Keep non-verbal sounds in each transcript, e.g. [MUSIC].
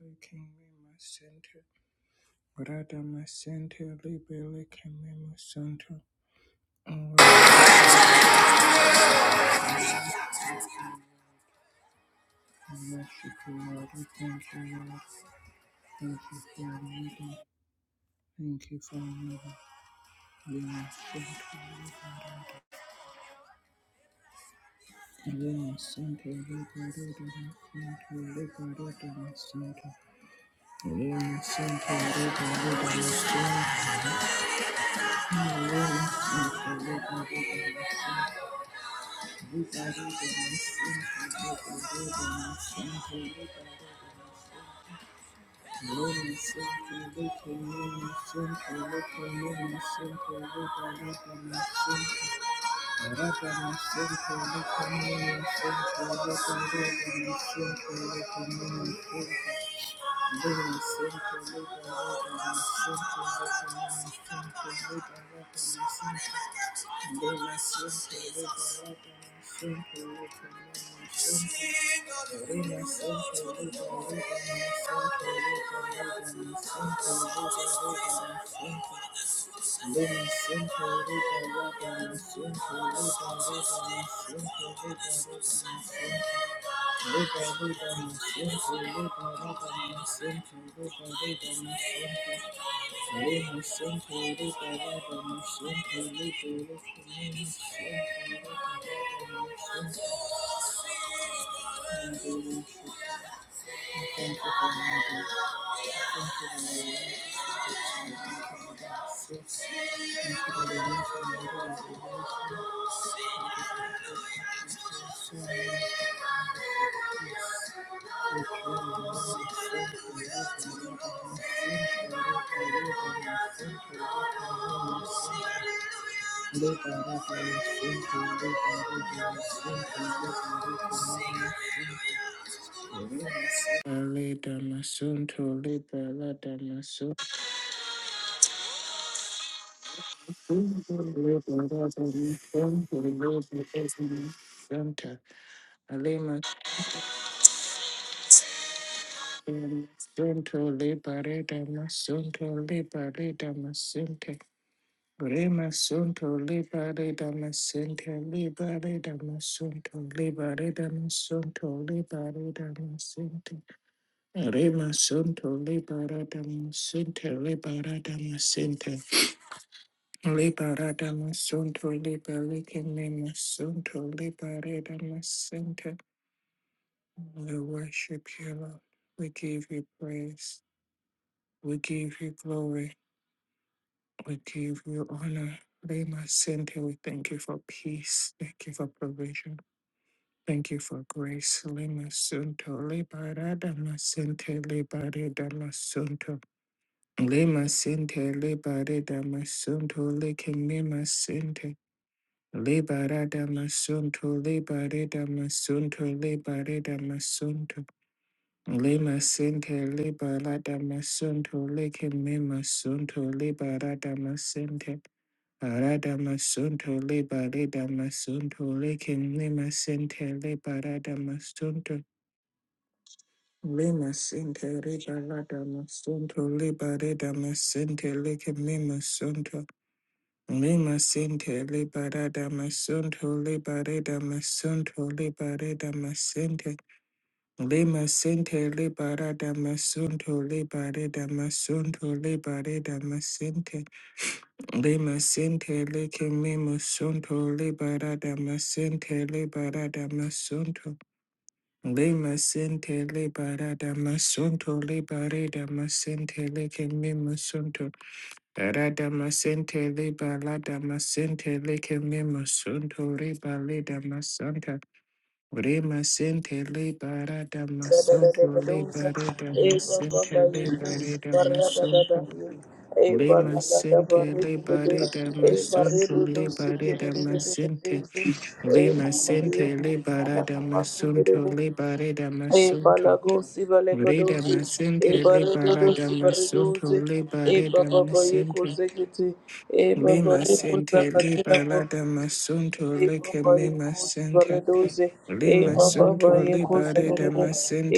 Lekemi masente, grada masente, libele kemi masente. Oh, Mexico, Lord, we thank you, Lord. Thank you for leading. Thank you for leading. Lema sente, libele. Lema sente, libele, lema sente, libele, lema sente. Lema sente, libele, lema sente. Lema sente, libele, lema Thank you. Thank you. Liba, liba, masente, liba, raba, masente, liba, liba, masente. Le masente, liba, raba, masente, liba, liba, masente, liba, raba, masente. Thank you, Lord. Thank you for my life. Thank you for my life. Hallelujah. Lida masunto, lida lada masunto. Sunto le pareda masunto le pareda masente. Rema sunto le pareda masente le pareda masunto le pareda masunto le Liberata masunto liberike me masunto liberata masente. We worship you, Lord. We give you praise. We give you glory. We give you honor. Lema sente, we thank you for peace. Thank you for provision. Thank you for grace. Lema sunto liberata masente liberata masunto. Lema sente liberata masunto leke me masente. Liberata masunto, liberata masunto, liberata masunto. Lima sente, liberata masunto, leke me masunto, liberata masente. Arada masunto, liberata masunto, leke me masente, liberata masunto. Lima sente, liberata masunto, liberata masente, leke me masunto. Lima sente liberada masunto liberada masunto liberada masente. Lima sente liberada masunto liberada masunto liberada masente. Lima sente leke mimo sunto liberada masente liberada masunto. Lima sente liberada masunto liberada masente leke mimo Radhamasente Liba Ladamasente Lekemimusunto Riba Lidamasanta Remasente Liba E Radamasunto Liba Redamasente Liba Redamasunto Lemasente Liba Redamasunto Liba Redamasente Lemasente Liba Radamasunto Liba Redamasunto Redamasente Liba Radamasunto Liba baba boye Redamasente kuzekiti, e baba Lima re Sente kuzakatila Libalada Masunto E Lake baba Mima yekosi Sente baredoze, e Lima baba Sunto yekosi Libareda gerede,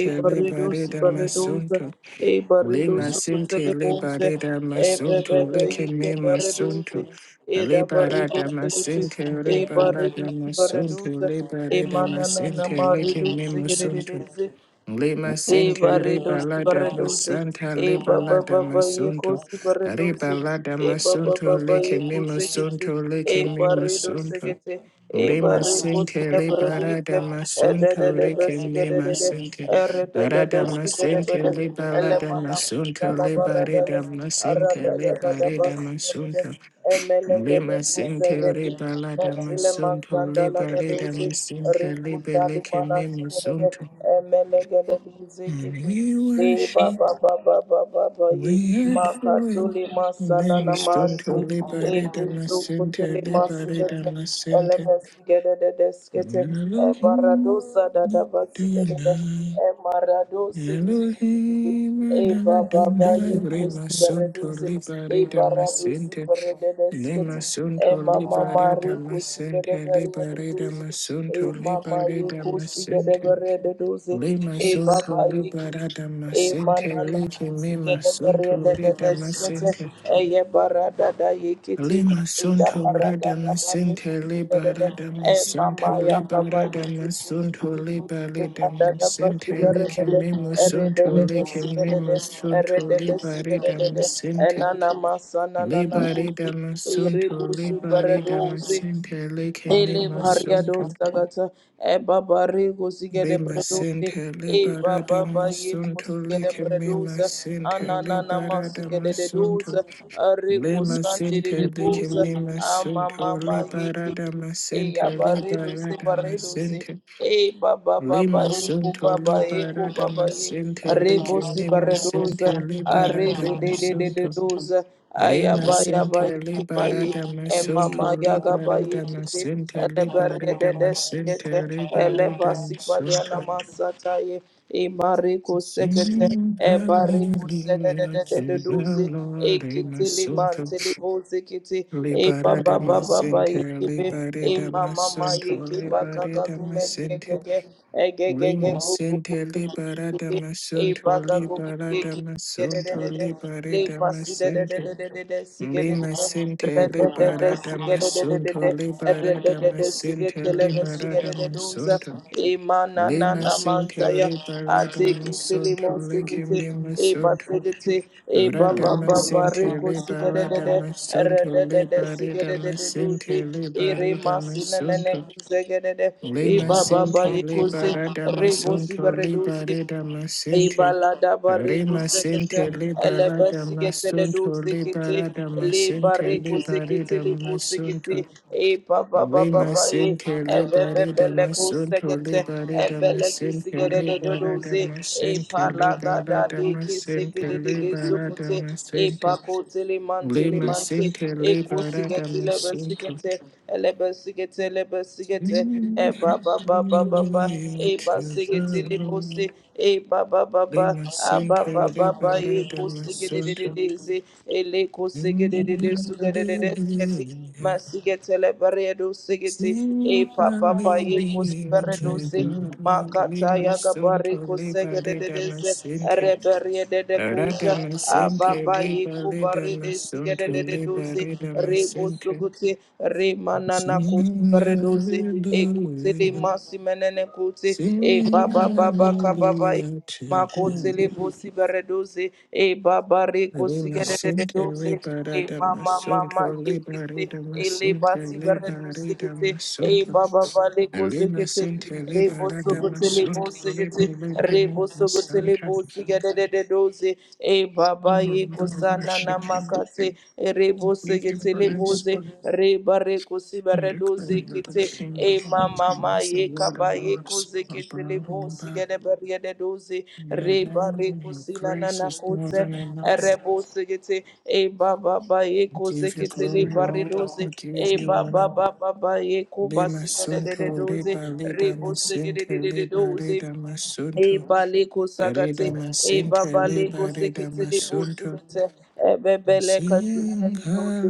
e baredosi Libareda baredoze, Masunto e Lima baredosi Sente kuselebose, Libareda e Masunto bebebe Lake yike Mima baredoze, Sunto e da Libarada baredoze gete, Masente e Libalada baredosi Masunto baredoze, e Libareda mananana Masente Lake maredoze Mima gerede, Sunto Lima E Sinti barredo Riba si Lada barredo si. Masanta E ba Liba ba Lada ba ba ye Masunto kosi si barredo si. Riba Lada E ba ba ba Masunto ba Lake ye ko kete. ke se. Mimusunto E Lake barredo se ke Mimusunto se. E Rima barre ko se Sinti le Liba barredo Lada se. E de de Masunto de ba Lake si ke de Mima de de. Sinti E re de de de Arada si ke de de de. Masinti Liba E Lada mana ku sa Masunto la Liba barada Rida Arada Masinti ya kada Liba da ba Rida si de Masunto de. Emaradosa Lima Sinti Riba Lada Masunto Liba Rida Masinti Liba Lake Mimusunto and we worship, we adore you. Lemstonto libere damascente, libere damascente. Elohim, da da basigede, Adonai. emaradosa Elohim, Eva baba Adonai. yekos Remasonto bereduze. libere Eva radusi damascente. berededes E Lemasonto mama libere mari kusi gede damascente, libere berededuze. E damasonto, mama libere yekusi gede damascente. berededuze. Lima E sunto baba libara yekusi. E damascente, manana leke kusi mima gede sunto berededes redamascente. Eye barada da yikiti Lima ida sunto barada Rada da baru masente, kusi da da da. libara E damasanta, mama ya kaba libara yikiti. damasunto, Likusi libale da da da basi damascente, da da da leke da. mimo Ere da sunto, da da leke si da da da. mimo Ere sunto, da da si da libare da da da. E damascente. nana masa nana na na Libare kuti. Ere damasunto, busu libare barado uzi. damasente, leke Ele mimo variado sunto. sagata e baba rego sigede Lima bredoze Center e baba ba Liberadamus ye Sunto kosigede Likimima bredoza Center anana nama sigede Liberadamus de doza Sunto reko Lima sande de Center doza Likimima ama Sunto mama ye kiti Liberadamus e ya Center baredo se Liberadamus baredo se Center E baba baba Lima eku Sunto baba eku baba Liberadamus e Center rebo si Likimima baradoza Center are de de Liberadamus de de de Sunto doza aya Lima ba ya ba Center ki ba ye Liberadamus e mama Sunto ya ga ba ki Liberadamus te Center ele bere de de Liberadamus si Center ele ba si Liberadamus ba le masunto. na ma sa ta ye e mare ko se ke te Sing e bare hallelujah ko da da da da to the doze Lord, my ekitele son, mantele boze kete e ba ba liberate ba my ba ba sin, yekebe e liberate ma my ma ma son, yeke ba ka ka liberate my kume ke sin, ke ke e ge ge ge lima ku ku sin, ku ke ke ke liberate ke my e son, ba ka ku ku ke liberate ke my son, Le liberate my pasi de de sin, de de de de de sige de de lima sin, de re de de de liberate my sige de de de son, de de e re liberate de de my de sin, sige de le de sige liberate de de my doza son, imana na lima na sin, manza ya liberate ate my kiti son, le mo sige te liberate my e ba son, sige te e ba ba Radama ba ba re Sente ko sige de Libera de de Dama re Sunto de de de Libari sige de Dama de de dozi Sente e re Libari Dama masi na na ne Sunto sige de de e Lima ba ba ba Sente ye ko se Libera Dama re bo si ba Sunto re dozi Libari Dama Sente Ibalada bariku Rima sekete Sente Libera elebe sigete le du Sunto sekete Libera Dama li Sente bariku Libari sekete li bu Dama sekete Sunto e ba ba ba ba Lima ba e Sente ebe be be Libari be le Dama ku Sunto sekete Libari ebe Dama le ki Sente sigete de do do Libera ze Dama e Sente palada da da Libera de Dama ki Sente sekete de de Libera sukute Dama e Sente pa ku tele man tele Lima man te Sinti e ku Liberata sigete lebe Masinto. sigete elebe sigete lebe sigete e sing. ba ba ba ba ba ba Hallelujah e ba to sigete the li bu se Lord. e ba ba ba ba Lima ba ba Sinti ba ba eko Liberata Masinto. sigedededeze eleko sing. sigededede sugededede sketi Hallelujah. masigetele beredo sigeti e Sing papa pa eko hallelujah to siberedo se the Lord. makata Lima yaga Sunto bareko Liberata sigedededeze Masunto. reberedede Rada kuja Masinte, ababa eko Liberata barede Masunto, sigedededoze Liberata rebo Masinte. suguti remanana kusi Sing beredoze ekutele hallelujah. masimenene kuti e Singing baba baba kababa hallelujah to makotele him. bosi beredoze e babare Rimasinte kosigeredoze e liberata mama masunto mama yekete liberata e le masinte basi beredoze liberata kete e masunto. baba bale kozekete Rimasinte re boso liberata kotele masunto bosi kete re liberata boso kotele masanta. bosi geredoze e Oh, baba ye Lord, I kosana na worship you. makate e re bosi We give kete le praise boze re bare kosi and bare declare doze you the kete King e of all mama ma kings, the ye Lord kaba of ye lords, koze kete le above and bosi back. gede bare gede doze Your re love bare and your kosi la na grace na is more kose than enough. re bosi kete e baba ba ye We koze give you kete le glory, bare Lord. doze We e give you baba honor. baba ba ye Lima kubasi gede gede sunto doze riba re lida bosi gede masinte gede liba doze rida E masunto baleko sagate, rida e masinte babaleko liba rida sekete lebo masunto. sekete, e bebeleka sinene Sing de doze,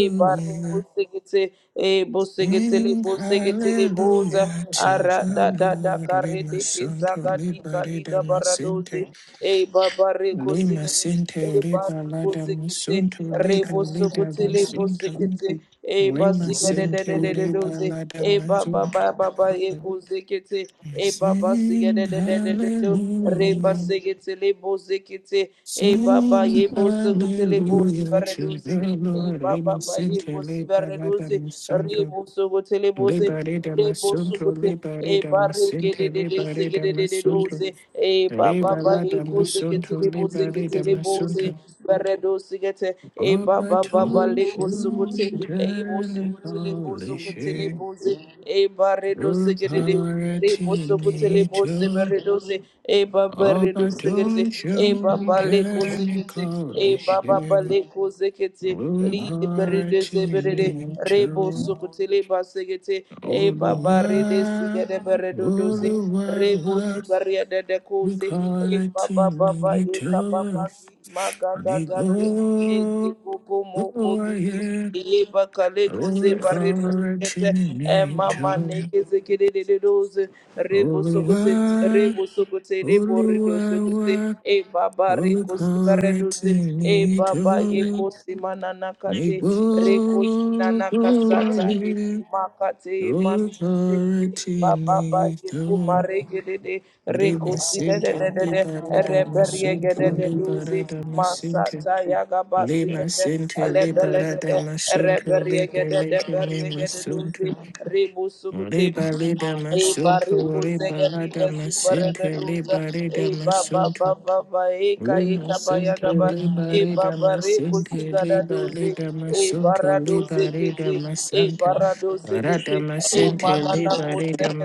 e bareko sekete, e bo sekete sing lebo sekete lebo za, hallelujah to ara da the da da Lord. kare Lima de ke sunto zaga di liba rida kaliga baradoze, masinte e babareko lima sekete sinte e riba bariko lada zekete masunto liba rebo lida sokote lebo masunto. sekete e Lima basika de de de de de sentere doze balada e ba ba mazuka. ba ba ba ye ko zekete e ba ba sika de Sing de de de de do re ba hallelujah. sekete lebo zekete e ba ba Sing ye bo sokote lebo hallelujah bare to doze the e Lord. ba Lima ba ba ye bo si sentere bare balada doze masunto. rebo sokote lebo ze Liberida rebo masunto, sokote e liberida bare ke de masente, de de liberida sekete de de masunto. doze e ba ba ba ye Rebalada Ikusi masunto, kitili buzi liberida kitili buzi. masunto. Beredo sigete. E All ba my ba ba ba two liku sukuti. children, E ibu sukutili buzu kutili buzi. E baredo sigete. Ribu Authority sukutili need buzi to beredo si. E ba Ọba beredo tó sigete. ń E ba ṣohun ba liku sikete. tẹ́nìkan ò lè E ba ṣe. ba ba liku sikete. Li Orúkọ berede se berede. Ribu sukutili basigete. E ba ba Olúwa, rede sigete beredo Olúwa wá. dosi zubaria dede koze Orúkọ e rẹ̀ tí baba baba e kababa gi magaga gage e gi gogo moko gigi e bakale koze baredo sekete e mama neke zekede dede doze rebo Olúwa, sokote rebo sokote rebo rido Olúwa sokote wá. e baba Glory, reko glory to sibaredoze e me, baba ye yeko glory, simanana me kate reko glory, sinana kasata e glory, makate e glory, masikite Baba yeku marege de de Re reko si de de masinte, de de le de barada reberiege de masunto, de le duzi barada masinte, masata yaga le basi de de masinte, le lebelege barada de masunto, le reberiege de de beleke me beriege de duzi masunto, ribu suguti le balada e masunto, bariku le sege balada riba zipare de masinte, le duza barada e baba masunto. baba baba e ka e Lima ka ba yaga Sinti ba Liba e Rida baba reku Masinti siga da Liba duzi Lida e Masunto barado Liba Rida zekete e Masanta barado Rada zekete e Masinti manana Liba Rida kosekete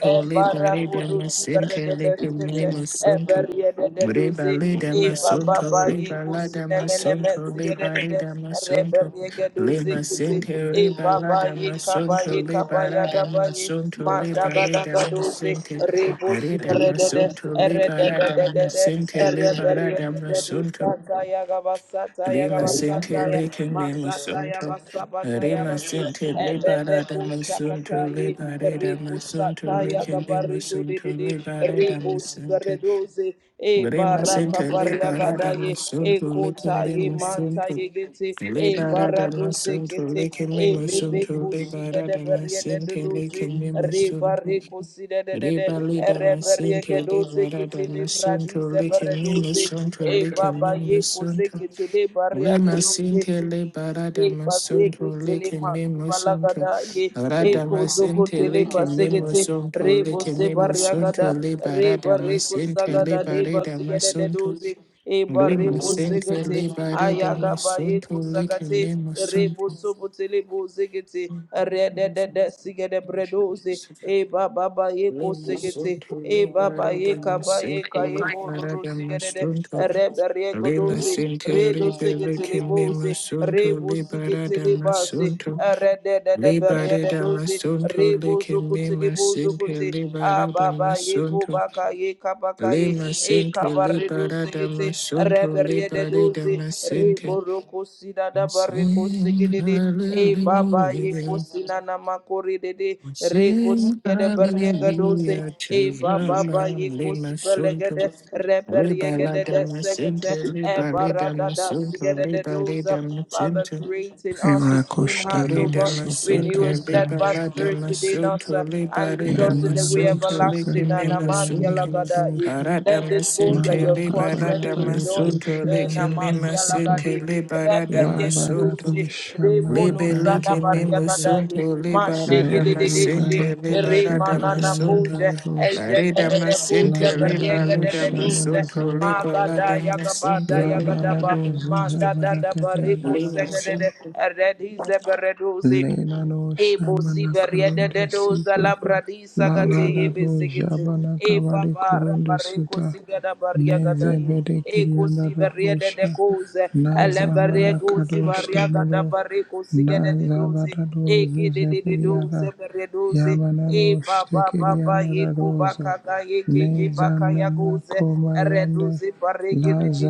e Liba Rida barakudu Masinti siberede deskete e Liba beriede de Reba duze leda e baba masunto, bayi reba lada kusinelele masunto, mesiyede leba de leda masunto, reberiege duze lema kete sente, e reba baba lada ye kaba ye masunto, kaba leba ya lada gaba ye masunto, leba mandaga leda daga duze masente, rebo reda siberede de masunto, leba erede de lada de de de masente, leba lada ereberiege de duze masunto, Sataya Gabasataya lema sente, Gabasataya lekene Masata ya masunto, basabata ya rema basi sente, leba ebebe lada masunto, kusakata ye leba leda ribu masunto, sataya ya lekene gabarido de masunto, de de leba leda ribu masente. sigaredoze e Rema baraka Center bariagada Liberada ye e Masunto Lakin kota ye manta Bimasunto ye gete e Liberada baradoze Masunto kete Lakin e bebe Bimasunto kushiga de Liberada Masente doze Lakin riba Bimasunto rekuside de de de Rebalida erebe Masente riegedoze Liberada kete Masunto libradize Lakin beredoze Bimasunto e Lakin baba ye kose Bimasunto kete le baria de Lima Sente Doze. Liberada Masunto Ibasekitele Lakin Bimasunto masibalagada ye Rada Masente ekozokotele Lakin basekete Bimasunto rebo Lakin sebariagada Bimasunto reba Liberada reko Masente sagada de Liberada basigede de Masunto doze eba Lima reko Sente segete Libari Dami ayagaba Sunto yeko Likin sagate Lima rebo Sunto sobotele bozegete rede Lima de Sunto de sigede bredoze eba baba yeko segete eba baba Libari Dami Ikaba eka Sente ebo Libara rodo Dami sigerede. Sunto Rebe rego Lima doze. Sente Redo Libari segetele Kim boze. Lima Sunto Rebo Libara sigetele Dami base. Sunto Rede de de Libari berede Dami doze. Sunto Rebo Likin zokutele Lima bozo Sente kunte. Libara Ababa Dami yeko Sunto baka yeka baka ye. Lima Sente Eka barredo Libara segete. Dami Sunto Rebe rede Libari doze. Dami Sente Rebo roko sida da We barreko sing segedede. E baba ye hallelujah, kusina na makori dede We re kusi sing de beriega doze hallelujah to e the baba ba ye Lamb, Lema kusi Sunto, belegede re Leba beriega de Lada de segete Masente, e Leba Leda barada da Masunto, sigede de Leba doza Leda Father Masente, creating us a clean heart Ibrakoshana O no Reda God sopa renew a Masente, Leba steadfast karakaroshana Lada spirit within rosha. us Masunto, uh, and Leba lead Leda us in the Yamana way no Masunto, suka Leke everlasting and yababa Mema amakia Sunto, yandiria lagada ye dosha. Arada let these bones that Masente, you have Leba Malakaba crushed let Lada them yabaye rejoice Masunto, bosha Eh, Leke yado Mema namasia lagade soto. Sente, Leba re Lada beriega Labada Masunto, doze dosha Remono malaka Libele Sada que yababa me yende. musunto, Bariatadai, liberada Mashege de de Lezi baya masente, de, bosha liberada Remanana burgeria masunto, Pose, nada dosa. Ezega arida de de masente, Pose, Labada Berega de liberada de dosha masunto, Dose, malaka yende yede. Magada liberada masente, Yagabada Labara liberada Yagadaba, dozuza Manda da masunto, da malaka Barico yanda lima Segade, dosha. sente, Redize Bereduzi. Lena no Ebo Shamana siberiede de Karunde doza Sita labradi sagate ebe Lavadado segete. Jabana E kamari papa Kurunde rabareko Suta sigada bariagada neze ye. bede Eko Kirianda siberiede de Dadosha koze. Ele Nazamana berego Kadosh sibariagada Tenuro bareko sigada de doze. Nazabadado Eke de de de doze Zuzebediada beredoze. E Yamanano baba baba Shtekirianda eko Dadosa bakaka eke ye baka Nezanana yagoze. Komayande Redoze barege de de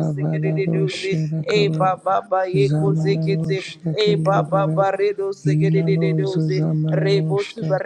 de doze kete e Shedakaro baba ba ye kose kete Zamananoshta e baba ba Kiriadada ba re do se gede de de Inano do ze re Zuzamananoshta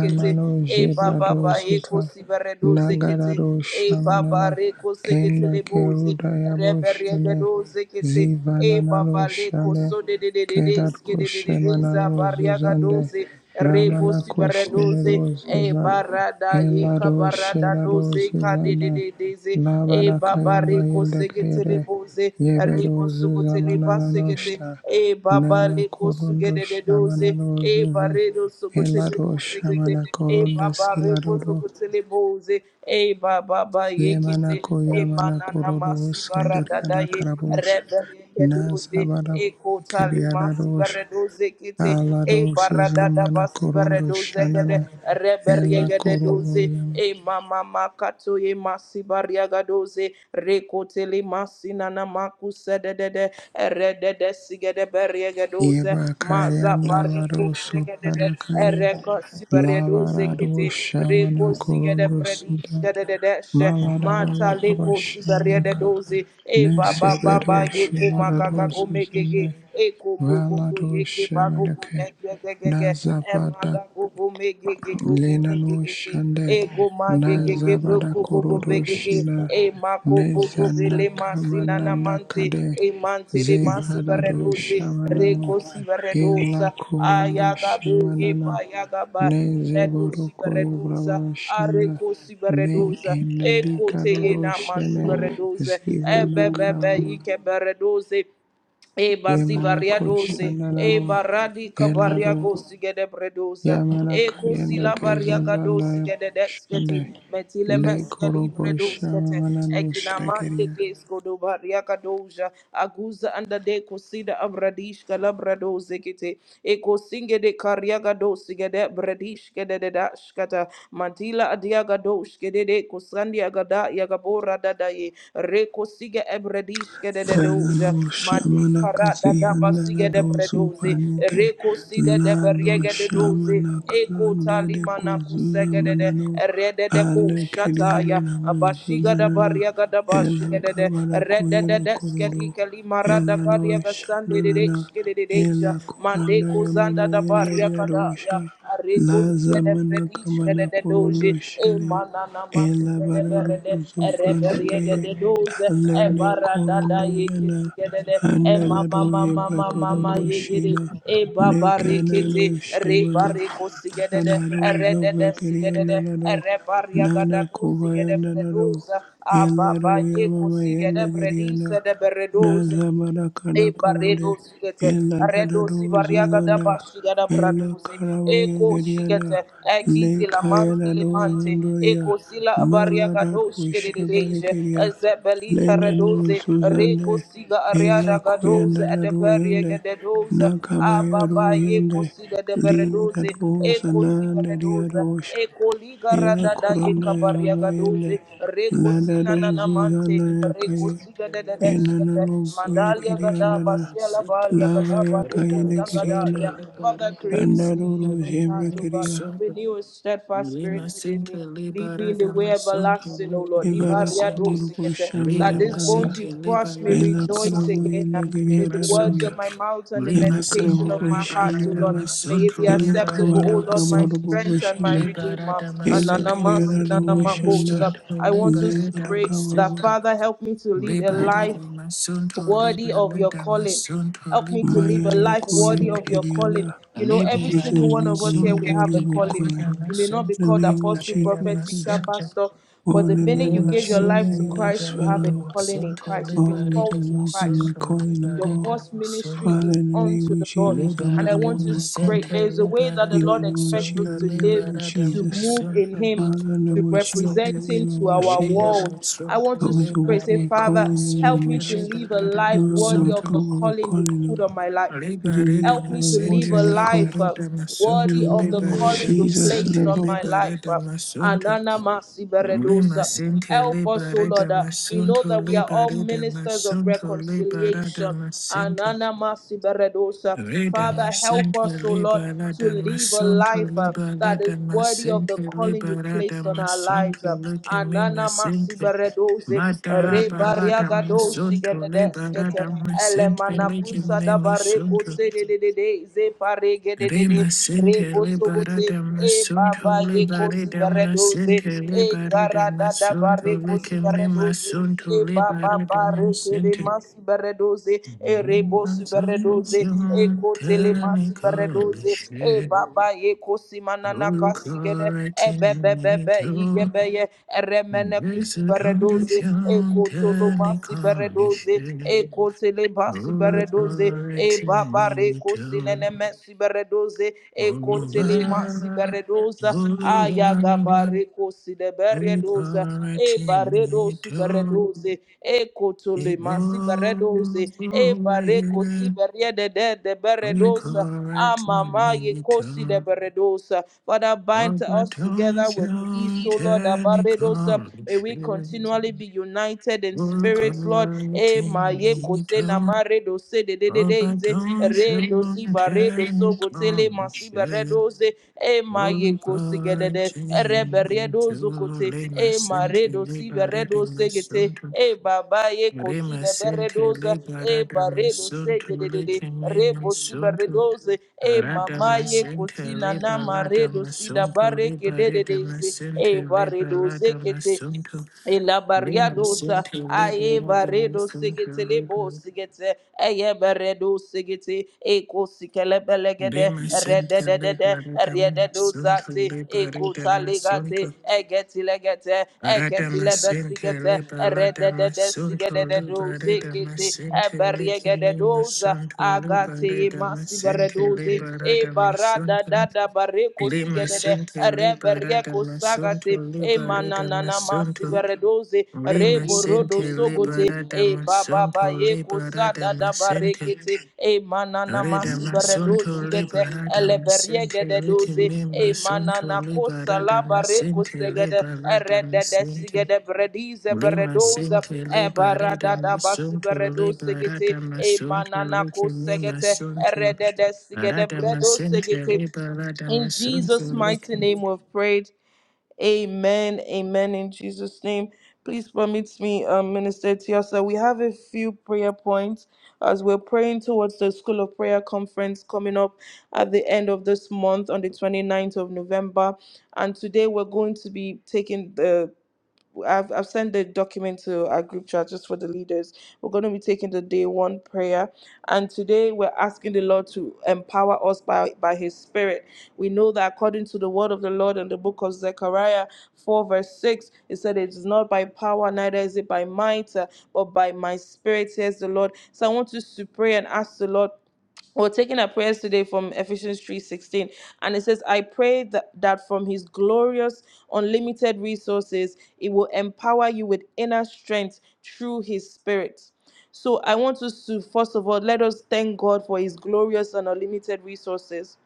kete e baba ba Jebrado ye Suta kosi ba re kete Nagarado e baba Shamanana re kose kete le Enda bo ze Keruda re be re de Yaboshene do kete e baba ba Zivananano le Shane koso de de de de de Kerado ske de de de de za ba Shemanano ria Zuzande Rebo Ramana Sibaradose, Koshtenero E Zuza Barada Yeka Elado Barada Shedado Dose, Zuzane Candide Daisy, E Labana Babareko Kayamayenda Segetele kere, Bose, Ye Rebo Yeberozu Sugotele Basegete, zamananoshta E nana Babaleko korondo Sugede doze, E shamananozuze Baredo Sugotele elado Bosegete, shamana E koronde Babareko siladodo Sugotele Bose, E Baba ba Yekite, yemanako E yamana Manana kororo masi baradada sunduriana ye, karabosha rebe Rebeke doze, nazabarabo E Kotali keriadadosha Masibaredoze Kite, alado E barada da suzamana basi korondo gede shanana zegede ela reberiegede korobo doze. yama E mama makato e masi bariaga doze. Rekotele masi nana makuse de de de. Erede de sigede beriege doze. Maza yebakayanda lado bariko sigede de. soparakaye Ereko doze labarado zekete. shamana Reko sigede korondo bredi suda sigede de deshe. Maladabaya Mata Baba leko sibariede Shamanaka doze. E baba baba Nesebedo ye kumaka Shumadado kumekege. Suzine e mekege mogogo Valado yeke bagogo Shamanake megegege Nazabada emaga gogo megege gogo Lenano megegege Shande ego magegege Nazabada broko gogo Korodo begege Shina e mako bogo bele masina na mante Nezanakamananakade e mante le masi Zevadado baredoze Shamanano reko si Ila baredosa Korondo ayaga bege Shamanana pa yaga ba redosi Nezeborokoyo baredosa Brabashanda areko si Me baredosa and e kote ye Dukaroro na masi Shane baredoze e Zivana bebebe Karababa ike baredoze E basi varia Yemanako dose, e Shandararo baradi kabaria Elado gosi gede bredosa, Yamana e Kayanda kosila varia gadosi Gezuzanda gede desketi, Shande metile Le meskeli Korobo bredoskete, Shamanano egina mande Shakaria gesko do varia gadoja, aguza anda de kosida abradish kala bradose kete, e kosinge de karia gadosi gede bredish gede de dashkata, mantila adia gadosh gede de kosandi yagada yagabora dadaye reko sige ebrediske de dedoja Lano madi shamana kara dada kazihanda basige de rarozu bredoze panike reko side de Lano beriege de doze shamana eko karande de talimana kuzuza kusege de de manano rede de ko Ale kerihana shataya namuzu abashiga da nanana bariaga da Ela bashiga de de kabara rede de kuyano de skedi korodo kalimara da Ela no kariaga sande de de shananana skede de deja Ela mande kuranda ko ya mama zanda da yenda de bariaga da Kataya, arosha Areco La Sede zamana Predish, kamana Kede korondo Doge, shelia Emanana Masede Elabarado Berede, zofranda Ereberie kaye de Doze, alene Evara Dada korondo yana Yekis, Kede, Emma andalado Mama yebre Mama Mama korondo Yegede, shina Ebaba nekanado Rekete, shemana Rebareco Sigede, Ladado Erede Zobrakeria Sigede, Nanado Erebaria Gada Nana Kobaya Sigede Nanado Bredoza, Ababa Elado Yeko Yamama Sigede Yendagariana Bredisa de Beredoze. Nazabada Kana E Karade barredo sigete, redo Eladado sivariaga da Zuzanda bashiga da Ela braduze, Karabo eko Yagariana sigete, Le ekizi la mante le Kayanado mante, Zondoria eko sila bariaga Maladado do de deje, Shebarikeria zebelika Lenano redoze, reko Zuzande siga Ela ariada kuyanda gadoze, la ruyende, edeberiega de doze, nakabaya ababa doyende, yeko siga de li da beredoze, dosa eko nande dia siberedoze, dosha. eko liga Ela radada kuranda yeka ya mama bariaga yende, doze, reko lada sina dozu nanamante, zana ya Rida reko kaye, masente, siga de enana liberada de no buye masunto, Mandalia leke kirianda gada me na, basiela masente, balia lava gada ya kaye bariku arida de masunto, kirianda, sangadalia. Father, liberada create anda me masente, doro a clean leke heart, zebra O God. kiria, me Renew a steadfast Lima spirit within Sente me. Lead me Libera in the way Damascente everlasting, O Lita Lord. Mima ibara Ibaria Sente kururu dosigete. That Rida bushamana these karia, bones Masente you've crushed Libera may ela rejoice karabu Damascente again. yende May Mima the kiriada words doria. of Sente my mouth and the Ela Lima Sente meditation of my Libera heart, O Lord, Karavaboshanana, may it Damascente be Ela Libera acceptable, Kavada O Lord, my Damascente strength and my Kavaraboshanda, Libera redeemer. Ela Damascente Kiriana Ananamasi Lita Mima Voshanda, nanamakosa. Sente I want us Libera to Lebada pray that Kavaraba, Damascente Father help me to lead a Libera life Damascente worthy Libera of your calling. Damascente Help me to live Libera a Mayana life Koya worthy of Damascente your calling. Nikiriana, You know, every with a single one leave of us and here, that we have a whatever calling. coin. You may not be The called name of apostle, prophet, teacher, Jesus, pastor, oh, but in the the minute name you of gave your life to Jesus, Christ, you have Father a Lord, calling in Christ. You've been help me to called to walk in my Christ. calling, of Your God. first ministry Father, is in the name unto of the Lord. Jesus, help me And I to walk want in my us to pray. calling. There is a way that the In the Lord name of expects Jesus, us to in the live, name of to Jesus. move in Him, Father, in the to name of Jesus, represent in the Him to name of our Jesus, world. I want help me us to to pray. walk Say, my Father, calling in the help name of me to Jesus. live a life Help me to worthy walk of Liberadam the my calling you've calling, put on Lord. my life. We to leave Help Liberidam me my to live body, Sinti a my calling. life uh, Liberidam Sunto worthy In the of the name of calling Liberidam you've Jesus, in sente placed the name on of my life. uh, Liberidam Sunto Anana Masi Lima beredosa. Sinti Help us, O Lord. uh, Liberidam We know Sunto that we are all Liberidam ministers of Sunto reconciliation. Liberidam Sinti Anana masi beredosa. Father, Redam help sente us, O Lord, to Liberidam live a Sunto life uh, that is Liberidam worthy of the Sinti calling you've placed on Liberidam our Sunto lives. uh. Likimina Anana Sinti masibaredoze, Madara Baladam rebariagadoshi Sunto gededeskete, Liberidam Sinti elemanakusa Likimina dabareko Sunto sedededede, Rima zeparegededede, sente libara rebosobote, dama e sunto baba yeko libare dama sibaredoze, sente e libare dama garada sunto dabareko leke mima sibaredoze, sunto e baba ba libare dama de sente. masi beredoze e re bosi beredoze e Consumption kote le masi technical beredoze e shit. baba ba ye kosi manana kasi gede e Correcting be be be be yi ge mental. ye e re mene kusi beredoze e Resurrection koto lo masi technical beredoze shit. e kote basi masi beredoze e Correcting baba re kosi mental. nene mesi beredoze e All kote masi beredoza aya ga ba kosi de beredoza e Authority baredo to subaredoze e kotole evolve. masibaredoze e bareko sibariede de de mama, Authority Amama Yekosi de to Beredosa. Father, bind us overturn together with peace, O Lord. Abaredosa. technical May we issue. continually be united in spirits, Lord. E ma Authority to Yekose na ma redose de de de de overturn technical issue. ze zibaredo sogotele masibaredoze e maye kosigedede Authority reberedo to zokote lay my e sin to maredo siberedo liberate my segete son, e baba ye Rima sente le kosideberedoza e barada baredo masunto segedede leke me rebo masunto. siberedoze e Arada mama ye masente kosina le na balada maredo sida masunto le barada barekedededeze e masente le baredoze balada kete masunto. Ila Rima Ilabariadosa, sente le Aye barada Baredo masunto le Sigitele Bo ba- Sigete, Aye Baredo Sigete, Eco Sikelebelegede, Rima sente le Rededede, barada masunto Rededozate, le Eco barada Taligate, masunto. Egetilegete, Eketilebe Radamasinti Sigete, liba, Rededede Sigede ladamasunto de do liba, Sikete, Radhamasinte Eberiegede doza, Libaladamasunto Agate Libaridamasinte Lichimimasunto Masibaredoze, liba, E Barada Libaradamasunto Dada Bareco Lima Sigede, de Sinte rebe Libaradamasunto kusagate e mananana Libaridamasunto masiberedoze Lima rebo rodo Sinte sogote e baba ba Libaradamasunto ye kusada da Libaradamasinte barekete e manana Ridamasunto masiberedoze gete Libaradamasinte eleberiegede doze e Lichimimasunto manana kosala bareko Libaradamasunto segede eredede Libaradamasinte sigede bredize Lima beredoze sinke e libari de barada da masunto basiberedose libara de gete e masunto manana luke mi kosegete masunto eredede sigede arada bredo masinke segete libara de in masunto Jesus' luke mighty name we've prayed. Amen. Amen. In Jesus' name. Please permit me, um, Minister Tiasa. We have a few prayer points as we're praying towards the School of Prayer Conference coming up at the end of this month on the twenty ninth of November. And today we're going to be taking the I've, I've sent the document to our group chat just for the leaders. We're going to be taking the day one prayer. And today we're asking the Lord to empower us by, by His Spirit. We know that according to the word of the Lord in the book of Zechariah 4, verse 6, it said, It is not by power, neither is it by might, uh, but by my Spirit, says the Lord. So I want us to pray and ask the Lord. We're taking our prayers today from Ephesians 3:16, and it says, "I pray that, that from His glorious, unlimited resources, it will empower you with inner strength through His Spirit." So I want us to first of all let us thank God for His glorious and unlimited resources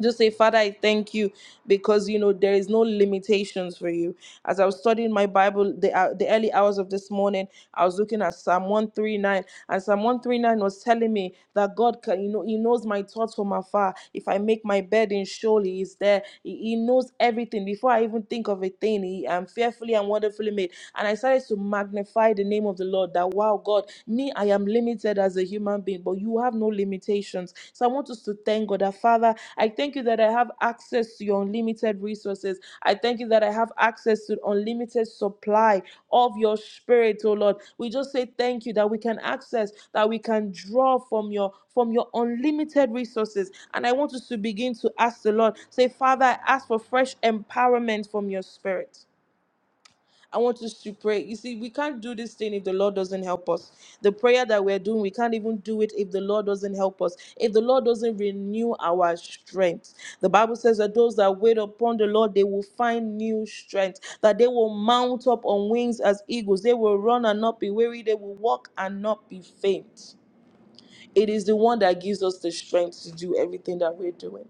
just say father i thank you because you know there is no limitations for you as i was studying my bible the, hou- the early hours of this morning i was looking at psalm 139 and psalm 139 was telling me that god can you know he knows my thoughts from afar if i make my bed in surely he's there he, he knows everything before i even think of a thing he, i'm fearfully and wonderfully made and i started to magnify the name of the lord that wow god me I am limited as a human being, but you have no limitations. So I want us to thank God that, Father, I thank you that I have access to your unlimited resources. I thank you that I have access to unlimited supply of your spirit, oh Lord. We just say thank you that we can access, that we can draw from your from your unlimited resources. And I want us to begin to ask the Lord, say, Father, I ask for fresh empowerment from your spirit. I want us to pray. You see, we can't do this thing if the Lord doesn't help us. The prayer that we're doing, we can't even do it if the Lord doesn't help us. If the Lord doesn't renew our strength. The Bible says that those that wait upon the Lord, they will find new strength, that they will mount up on wings as eagles. They will run and not be weary. They will walk and not be faint. It is the one that gives us the strength to do everything that we're doing.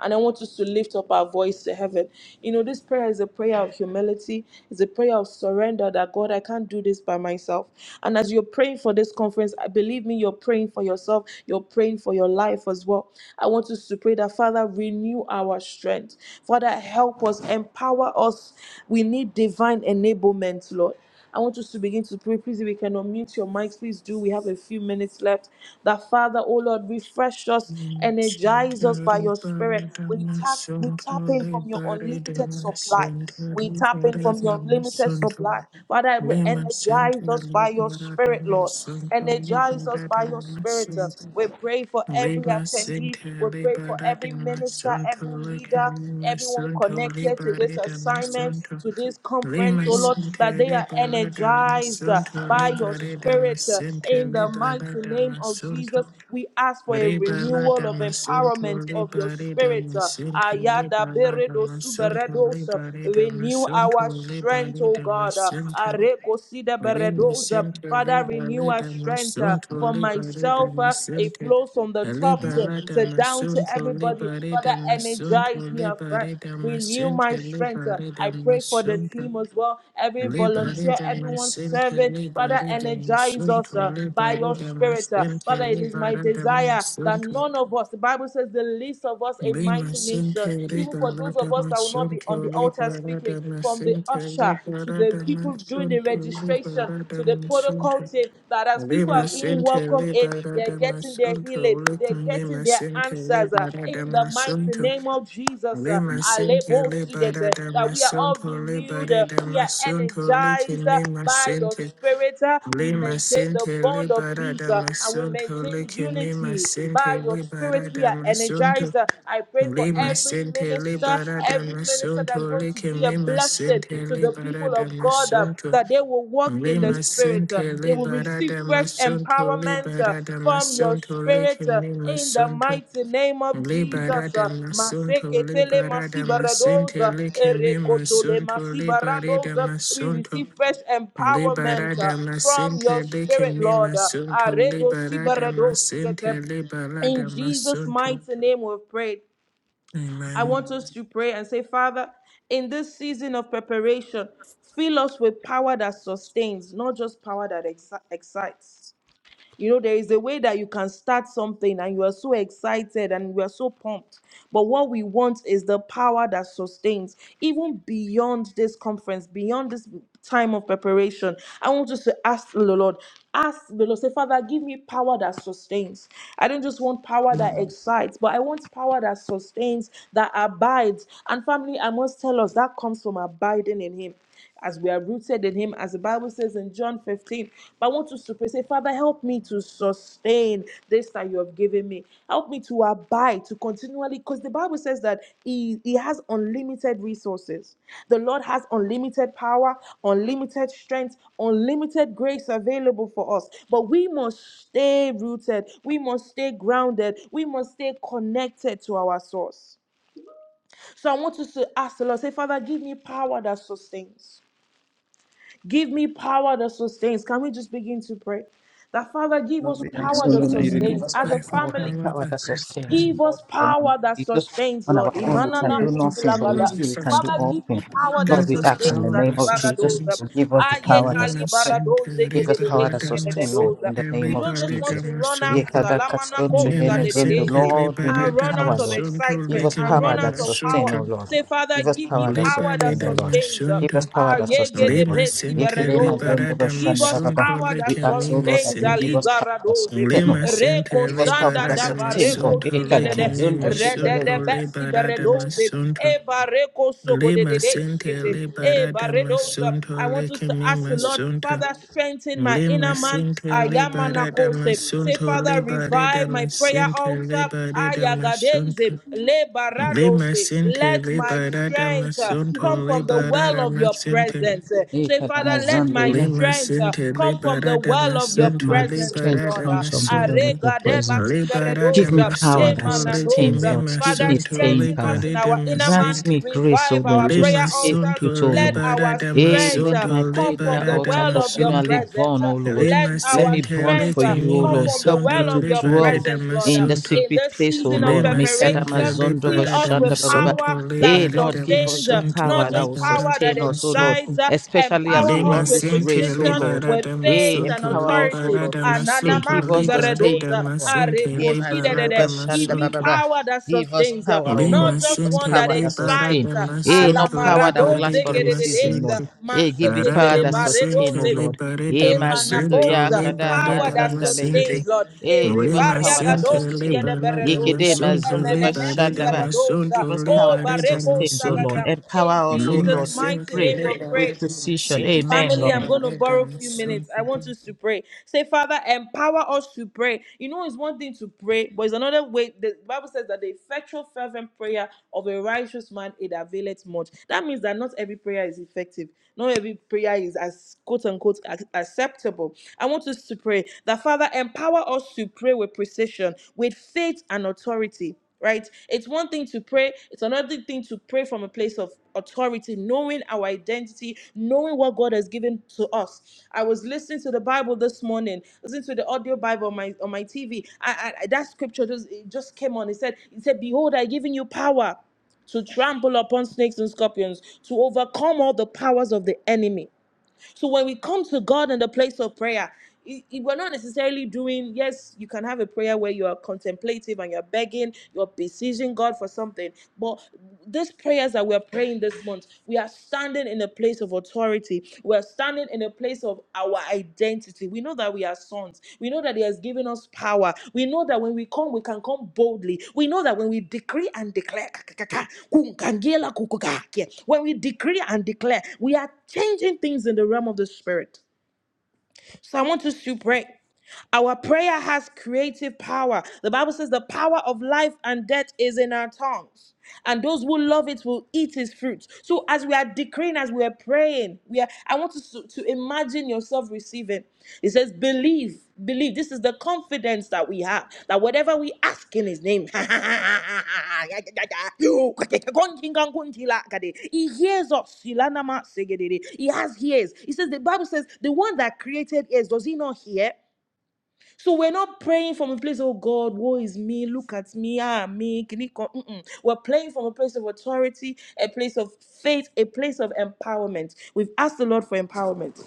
And I want us to lift up our voice to heaven. You know, this prayer is a prayer of humility, it's a prayer of surrender that God, I can't do this by myself. And as you're praying for this conference, I believe me, you're praying for yourself, you're praying for your life as well. I want us to pray that Father, renew our strength. Father, help us, empower us. We need divine enablement, Lord. I want us to begin to pray. Please, if we can unmute your mics, please do. We have a few minutes left. That Father, oh Lord, refresh us, energize masunto us by your spirit. libara de We tap, we masunto tap in from your libari de unlimited supply. masunto We tap in libara from de your unlimited masunto supply. Father, re- Lima sinke energize us by your libara spirit, Lord. masunto Energize us libara by your spirit. masunto We pray for every Lima attendee. Sinta We pray for Libera de every minister, Masunto every leader Licamima everyone Sunto connected Libera to this de assignment, Masunto to this conference, Lima oh Lord, Sinta that they are Libera de energized uh, Masunto by your Libera de spirit uh, Masinta in the Libera mighty de name of Masunto Jesus. We ask for a Libera renewal of Masunto empowerment of your Libera spirit. uh, Masinta Ayada Libera beredo Masunto suberedos, uh, Libera Renew our Masunto strength, Libera oh God. uh, Masunto Areko sida Lima beredos, uh, Sinti Father, Liba renew our Lida strength uh, Masunto for Liba Lida myself, uh, a it Masinti flows from the top Liba to, Lada to down to Masunto everybody. Liba Father, Lida Masunto energize me Liba afresh. Lida Renew my Masinti strength. Liba Uh, Lida I pray for the Masunto team as well. Every Liba volunteer, Lida everyone Masinti serving. Liba Father, Lida energize us uh, Masunto by Liba your Lida spirit. uh. Masinti Father, it is Liba my Lada desire that Masunto none of us, the Bible says, the least of us, a Lima mighty nation. Sinti Even Liba for those Lada of us that will not be on the Masunto altar Liba speaking, Lada from the Masinti usher Liba to the Lada people doing the registration Masunto Liba registration, Lada to the protocol Masunto team, that as people are Lima being Center, welcomed in, Libera they're de getting their Masunto, healing, they're getting Lima their Center, answers uh, Libera de in the mighty Masunto, name of Jesus. Uh, Lima Center, Alebo Libera Shigete, de that we are all Masunto, renewed, Libera uh, de we are Masunto, energized uh, Lima by your Center, spirit, uh, we Lima maintain the Center, bond of Libera peace, de uh, and we Masunto, maintain Lima unity Center, by your spirit. Libera de We are Masunto, energized. uh, I pray for Lima every Center, minister, Libera de every minister that's Masunto, going to be a Lima blessing Center, to the Libera people de of God, uh, Masunto, that they will walk in the Lima Spirit. uh, sente They le will receive barada fresh masunto le empowerment uh, barada from your masunto le Spirit uh, kimi in the masunto mighty name of le Jesus. barada uh, masunto le Maseketele barada masente masibaradoza, le kimi erekotole masunto le barada masibaradoza. We masunto receive fresh le empowerment uh, barada from masente your le Spirit, kimi Lord. uh, masunto le Aredo barada sibaradosigete. masente le In barada Jesus' masunto. mighty name, we pray. I Amen. want us to pray and say, Father, in this season of preparation, fill us with power that sustains, not just power that exci- excites. You know, there is a way that you can start something and you are so excited and you are so pumped. But what we want is the power that sustains, even beyond this conference, beyond this time of preparation. I want us to ask the Lord, ask the Lord, say, Father, give me power that sustains. I don't just want power Now, that excites, but I want power that sustains, that abides. And family, I must tell us that comes from abiding in Him as we are rooted in Him, as the Bible says in John 15. But I want us to pray, say, Father, help me to sustain this that you have given me. Help me to abide, to continually, because the Bible says that he, he has unlimited resources. The Lord has unlimited power, unlimited strength, unlimited grace available for us. But we must stay rooted, we must stay grounded, we must stay connected to our source. So I want us to ask the Lord, say, Father, give me power that sustains. Give me power that sustains. Can we just begin to pray? That Father, give Lord, us we ask, power O that Lord, that you I'm going will give to sustains. us As power, a pray for O family, Lord, power power that that sustains. sustains. Give Lord, us in the name of power that Jesus, sustains, on our Lord. own we can Pray do Imanana for nothing, but power with to kusilagada. you we can do Father, all sustain. give things. me power that Lord, Give we us ask in sustains. the power name that of Jesus, Alibaradoza. sustains. you give us the Aye power that Lima sustains. Center kalibaradoze Give us power gededede to Liberada sustain, Lord, Masunto sedededoza. in the We name of don't just want Jesus. to run out Yekada salamana katsun to Lekene kosa yemezundo. Masunto dededeze, Lord, we and need Liberada run out power, of Lord. Masunto Give excitement us and power run that Lima out of power. sustain, Center O Lord. Say, Father, Give us give me power that power that sustain, O Lord. sustains. Give us power that Aye sustain, Lord. gedebe Yekide siberedoza. mazundo Liberada lo Give shanda ba us Masunto power that We ask, O Lord, that sustains. you give us power that Aligaradoze. sustain, O Lord. Reko Give us power sanda that da sustain, Lord. bareko Yekada sigedede. mazundo shinda le Redede besi Give us power beredoze. Eba reko Lekene sogodedede shkete. that Eba sustain, redosa. I want us to ask the Lord. Lord, Masunto Father, strengthen my Lima inner man. sente libera Ayamanakose. Say, damasunto Father, libera revive my prayer damasente altar. libera Ayagadeze, damasunto. In Lima Lebaradose. sente Let my libera strength uh, the name damasunto come from the of libera well Jesus. of your damasente. presence. Uh, Hey, Say, Father, let my Let Lima strength uh, sente come from the libera well of your let damasunto my presence, O strength libera Lord. Uh, comes from the word of damasunto. your presence. Libera Give me Aregadebasiberedoza, power damasunto that sustains, likimi Emananoza. Lord. Give Father, me masunto staying strengthen us power. libera in our inner man. Grant me damasente. grace, O Revive our Lord, to prayer Lima stay altars. put, sunto O Let Lord. libera our Hey, strength let strength my damasunto uh, come prayer from libera the altar well of your continually damasunto. presence. burn, uh, O Lord. Let Lima Let our me Sente burn strength for Lake uh, you, O come Mima Lord. from the Help me well Sunto of to your dwell Liberada presence, Lord. in uh, the Masunto In secret this place, O season of Lord. Lima Make Adama Sente preparation, Zondo fill us Liberada with Bashanda ba. ba ba. power Masunto Hey, that Lord, Liberada give us sustains, the uh, power not Masunto that just will power Liberada that sustain us, O Lord, excites, Masunto uh, especially as empower we us Lima run with this Sente race, O precision, Lord. with Liberada Hey, faith and Masunto empower us, O authority. Lord, Liberada to stay. Masunto Give Ananamasi us the staying Liberada beredoza, power. Masente areko Ye mazindo uh, Liberada Give bashanda me Masunto bababa. power that Give us sustains, uh, power, O Lord. not Lima Give just us one Sente that power that Libera sustain. excites. de uh, Hey, Ala no Masunto power that will Libere last maradoze for de a season, Lord. gedededeza, Masente Hey, give us power Arada maseketele that sustain, O Masente baredoze. Lord. Libere de Ye mazindo Masunto ya Emanaposa, kada Libere power de that mazanda Masente sustains, legede. Lord. Hey, give us Lima Erebaria power that Sente gadoshi sustain. Libera de Yekede gedeberedosa, Masunto mazindo Libere emenemesi bashanda de ba. beredosa, Give Masunto us oh power that Libere de bareko sustains, O Lord. Masunto sagata. In Empower us, O Lima Jesus' Lord, to mighty Sente pray name we Libere pray. with de precision. Masente Amen, Family, I'm Lord. going to Libere de borrow a few minutes. I Masunto want us to pray. Say, Father, empower us to pray. You know, it's one thing to pray, but it's another way. The Bible says that the effectual, fervent prayer of a righteous man, it availeth much. That means that not every prayer is effective. Not every prayer is as quote unquote ac- acceptable. I want us to pray that, Father, empower us to pray with precision, with faith and authority right? It's one thing to pray, it's another thing to pray from a place of authority, knowing our identity, knowing what God has given to us. I was listening to the Bible this morning, listening to the audio Bible on my on my TV. that scripture just it just came on. It said, it said, Behold, I given you power to trample upon snakes and scorpions, to overcome all the powers of the enemy. So when we come to God in the place of prayer, it- it- we're not necessarily doing, yes, you can have a prayer where you are contemplative and you're begging, you're beseeching God for something. But these prayers that we're praying this month, we are standing in a place of authority. We're standing in a the place of our identity. We know that we are sons. We know that He has given us power. We know that when we come, we can come boldly. We know that when we decree and declare, [LAUGHS] when we decree and declare, we are changing things in the realm of the Spirit. So I want us to pray. Our prayer has creative power. The Bible says the power of life and death is in our tongues, and those who love it will eat its fruits. So, as we are decreeing, as we are praying, we are. I want you to, to imagine yourself receiving. It says, "Believe, believe." This is the confidence that we have that whatever we ask in His name, [LAUGHS] He hears us. He has ears. He says the Bible says the one that created ears does He not hear? So we're not praying from a place, oh God, woe is me, look at me, ah, me, kiniko. Mm-mm. We're praying from a place of authority, a place of faith, a place of empowerment. We've asked the Lord for empowerment,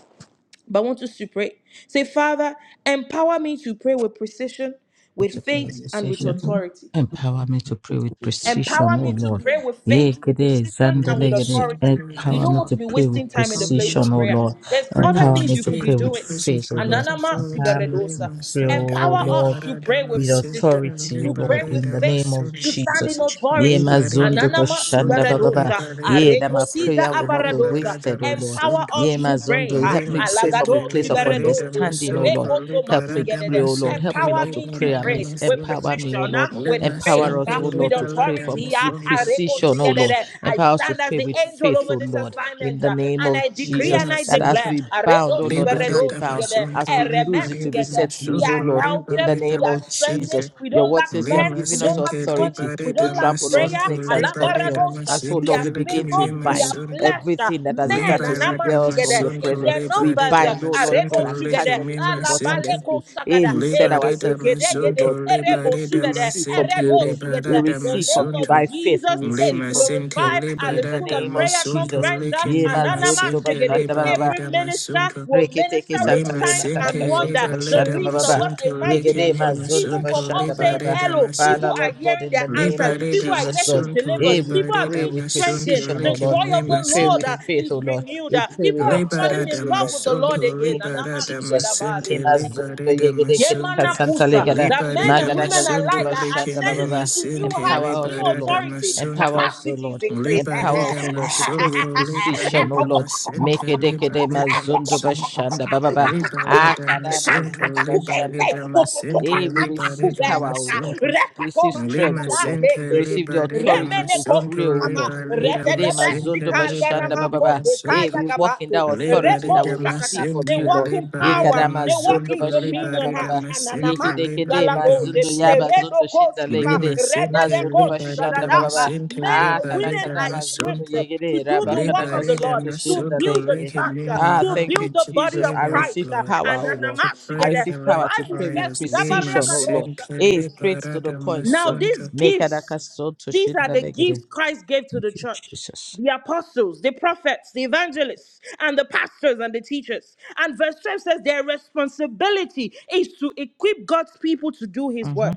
but I want us to pray. Say, Father, empower me to pray with precision, me to with pray with faith, and with precision. authority. Empower me to pray with precision, Empower oh me to Lord. pray with faith, with Yekede precision, and with Lima zandalegede. Sente authority. You Libere Empower don't me want to to be pray with wasting time in the place precision, of oh prayer. Lord. There's Pray other with Empower things me you to could be faith, pray with with doing. faith, precision, oh with Lord. Ananama Empower authority. me to siberedosa. Lima pray, Santo, oh Empower us Lord to Libera pray with with Damascente, precision, authority, O to pray Lord, Libera with in the name faith, of to Damascente, stand in Jesus. Ye authority. Libera mazondo Ananama bashanda Damascente, bababa. siberedosa. Libera Ye that my Arekotiza prayer Damascente, will not be avaradosa. Libera wasted, O Lord. Empower Damascente, us Ye to pray. mazondo, ha. help me Lima pray from a Sente, Alagado place of Libera siberedoze. understanding, O Damascente, Lord. Rekoto Help Libera me pray, masigedede. O Lord. Damascente, Help me Empower not to me to pray Libera pray amiss. with Damascente, Empower me, O precision, ah, Lord. with Lima faith, Empower Sente, us, ah, O with Lord, to Libera pray from authority. ah. with Damascente, Areko precision, O Lord. sigedede. I Empower us to stand as pray the with angel faith, O over this Lord, in assignment the ah, name and of I decree Jesus. and Lima I That as Sente. declare. we bound, Aredo O Lord, Libera it will be siberedo dama bound. sigede. sunto As we libera Ereme lose, it will be dama sigete. set We loose, O are Lord sunto libera in the helped. We name dama are of strengthened. sente Jesus, We your don't word lack says you have men. lima We given us don't lack sente money. authority We libera to don't lack dama trample on prayer. sunto snakes and libera scorpions. dama And Alabaradosha. so, We Lord, are we sente begin likem favored. to lima We are bind sunto blessed. everything that has Men hitherto and libera severed us dama from your amashigede sunto in their presence. We libera numbers. bind, dama oh Lord sunto Aredo God, and cast shigede. likem them into lima the sente bottomless Alabaleko pit. Hey, shagada. we set libera Egede ourselves dama gede free, oh gede. sunto Lord. We, Erebo en- libera we dama shugede. receive from sente you, oh Eredo Lord. We libera shugete. The dama receive from name you of sunto by faith. We Jesus is receive lima from you, sente Lord. glorified at the In the libera School of name dama of Prayer sunto Jesus. Conference, uh, likem Yema lima Ananama zondo sente Shigede. bashanda libera baba. every dama minister sunto will minister Reketeke with Santa Lima signs Lema Karaka and sente wonder. Sonto reba The leda Bashanda least of Baba. us, masunto a mighty Yegede lekene nation, Mazondo even from masunto us Bashanda leba saying Baba. reda hello, people Father, are masente Lord God, hearing in their the name answers, leba of reda people are Jesus, getting Lord. masunto delivered, Hey, leba we people are reda pray being with masunto strengthened. precision, oh The Lord. joy lekene of We the pray Lord with uh, masente faith, is oh Lord. renewed, We Uh, pray people with are leba falling rada authority, in oh love Lord. with the Lord masunto In the again. name leba of Anama rada Jesus. Ye masente Shigedabari. leba Mazondo reda Yegede Kedeka masunto Santa Yemanakusa, Legada. that leba men reda and Magada women Gazundo alike masunto are Bashanda lekene ascending Baba. into new masente heights, Empower us, leba new oh rada Lord. authority, masunto Empower us, O capacity is Lord. increased. Libere Empower us, O Lord, to pray damasunto, with masunto, libere precision, O de Lord masente, Meke deke de libere mazundo damasunto, masunto, bashanda bababa. libere de Akada mazundo masunto, libere bashanda de bababa. Hey, we libere receive de power, O Lord. We receive strength, Lima O Lord. sente We receive the libari da authority to masunto pray, O Lord. libari da Ekede masente mazundo bashanda libari da bababa. Hey, masunto we walk in [LAUGHS] that authority libari that we receive masente from They you, walk Lord. in libari Ekada power, they walk in mazundo masunto in bashanda dominion. libari ah, bababa. And masente Yekede kede libari anamasigalagose, mazundo yaba masente zundo shinda eredokosika, lima legede sente mazundo libari bashanda rededekosikadadaba. bababa. masente Men Ah, and kada libari women kada are mazinda equipped masunto eh, to yegere, do raba the kada work of the Liberated Lord, kasunto my to soul shinda to build the legere. lick and church, eh, demon Ah, to help thank you, me build the to body Jesus. pray of I the right, Christ. receive eh, Lord. power, And oh Lord. To I pray anamasigede. the receive the right power to Bible pray with prayers. Lima precision, oh Lord. says, simply Eh, straight to the liberated my point, now, Lord. soul these to Make kada gifts, kasunto these are shinda the legere. gifts Christ gave to the Thank you, church Jesus. the apostles, the prophets, the evangelists, and the pastors and the teachers. And verse 12 says their responsibility is to equip God's people to do his work Mm-hmm.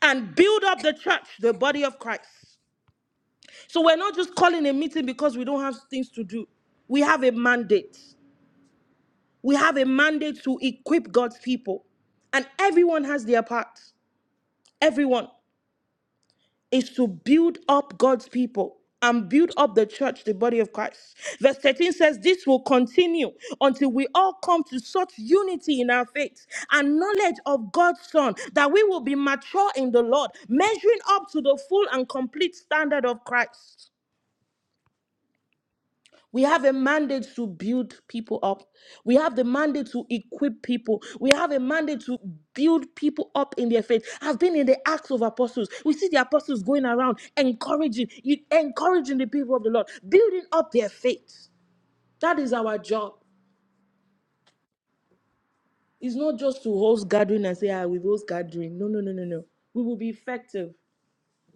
and build up the church, the body of Christ. So we're not just calling a meeting because we don't have things to do. We have a mandate. We have a mandate to equip God's people. And everyone has their part. Everyone. is to build up God's people and build up the church, the body of Christ. Verse 13 says, This will continue until we all come to such unity in our faith and knowledge of God's Son that we will be mature in the Lord, measuring up to the full and complete standard of Christ. We have a mandate to build people up. We have the mandate to equip people. We have a mandate to build people up in their faith. I've been in the Acts of Apostles. We see the apostles going around encouraging, encouraging the people of the Lord, building up their faith. That is our job. It's not just to host gathering and say, ah, we host gathering. No, no, no, no, no. We will be effective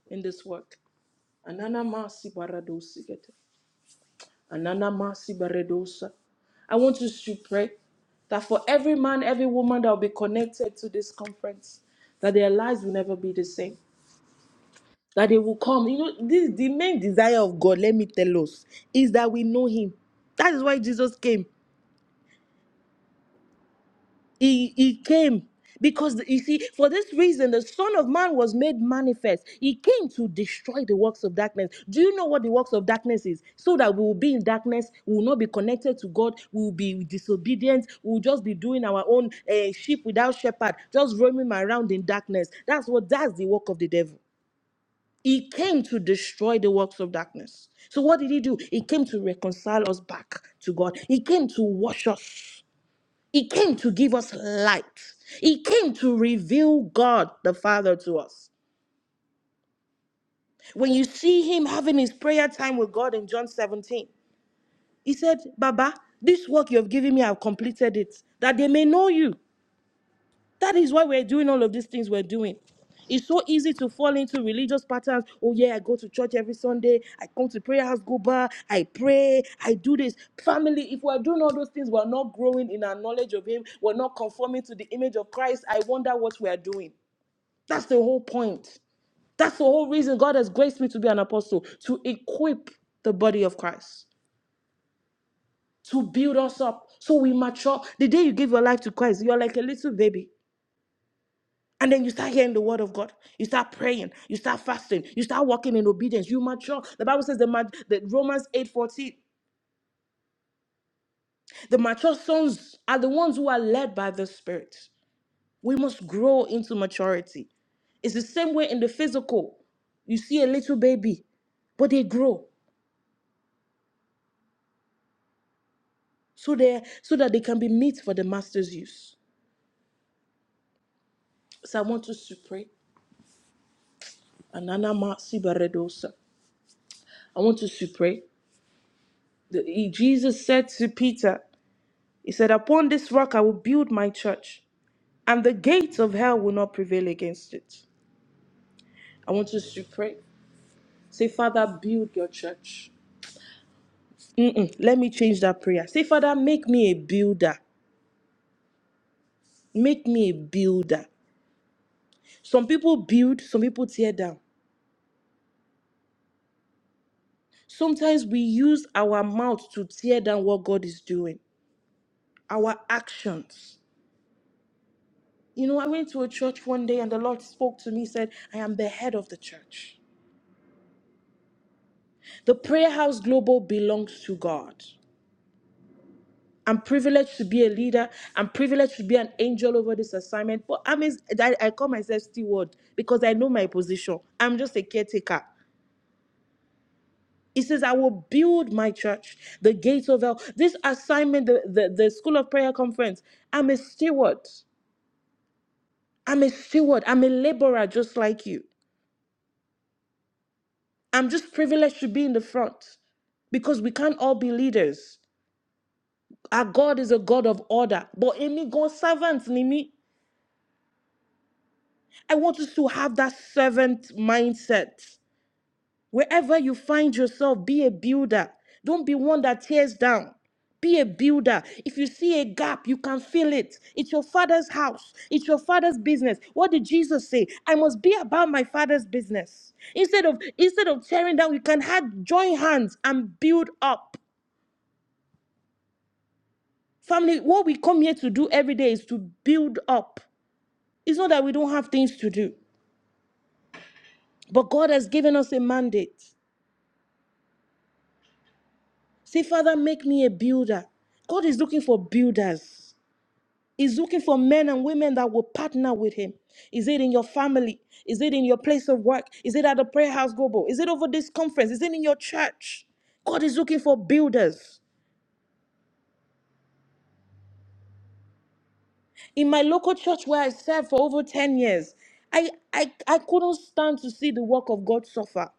in this work. Anana masi paradosi Ananamasi Baredosa. I want us to pray that for every man, every woman that will be connected to this conference, that their lives will never be the same. That they will come. You know, this the main desire of God, let me tell us, is that we know Him. That is why Jesus came. He, he came because you see, for this reason, the Son of Man was made manifest. He came to destroy the works of darkness. Do you know what the works of darkness is? So that we will be in darkness, we will not be connected to God, we will be disobedient, we will just be doing our own eh, sheep without shepherd, just roaming around in darkness. That's what that's the work of the devil. He came to destroy the works of darkness. So what did he do? He came to reconcile us back to God. He came to wash us he came to give us light. He came to reveal God the Father to us. When you see him having his prayer time with God in John 17, he said, Baba, this work you have given me, I've completed it, that they may know you. That is why we're doing all of these things we're doing. It's so easy to fall into religious patterns. Oh, yeah, I go to church every Sunday. I come to prayer house, go bar. I pray. I do this. Family, if we're doing all those things, we're not growing in our knowledge of Him. We're not conforming to the image of Christ. I wonder what we're doing. That's the whole point. That's the whole reason God has graced me to be an apostle, to equip the body of Christ, to build us up so we mature. The day you give your life to Christ, you're like a little baby. And then you start hearing the word of God. You start praying. You start fasting. You start walking in obedience. You mature. The Bible says the, mat the Romans 8:14. The mature sons are the ones who are led by the Spirit. We must grow into maturity. It's the same way in the physical. You see a little baby, but they grow so they so that they can be meat for the master's use. So I want us to pray. Ananama sibaredosa. I want us to pray. The- he- Jesus said to Peter, He said, Upon this rock I will build my church, and the gates of hell will not prevail against it. I want us to pray. Say, Father, build your church. Mm-mm, let me change that prayer. Say, Father, make me a builder. Make me a builder. Some people build, some people tear down. Sometimes we use our mouth to tear down what God is doing, our actions. You know, I went to a church one day and the Lord spoke to me, said, I am the head of the church. The prayer house global belongs to God. I'm privileged to be a leader. I'm privileged to be an angel over this assignment. But I mean, I, I call myself steward because I know my position. I'm just a caretaker. He says, I will build my church, the gates of hell. This assignment, the, the, the School of Prayer Conference, I'm a steward. I'm a steward. I'm a laborer just like you. I'm just privileged to be in the front because we can't all be leaders. Our God is a God of order. But Emi, God servants servant, Nimi. I want us to have that servant mindset. Wherever you find yourself, be a builder. Don't be one that tears down. Be a builder. If you see a gap, you can fill it. It's your father's house, it's your father's business. What did Jesus say? I must be about my father's business. Instead of instead of tearing down, we can have join hands and build up. Family, what we come here to do every day is to build up. It's not that we don't have things to do, but God has given us a mandate. Say, Father, make me a builder. God is looking for builders. He's looking for men and women that will partner with him. Is it in your family? Is it in your place of work? Is it at the prayer house global? Is it over this conference? Is it in your church? God is looking for builders. In my local church where I served for over 10 years, I, I, I couldn't stand to see the work of God suffer.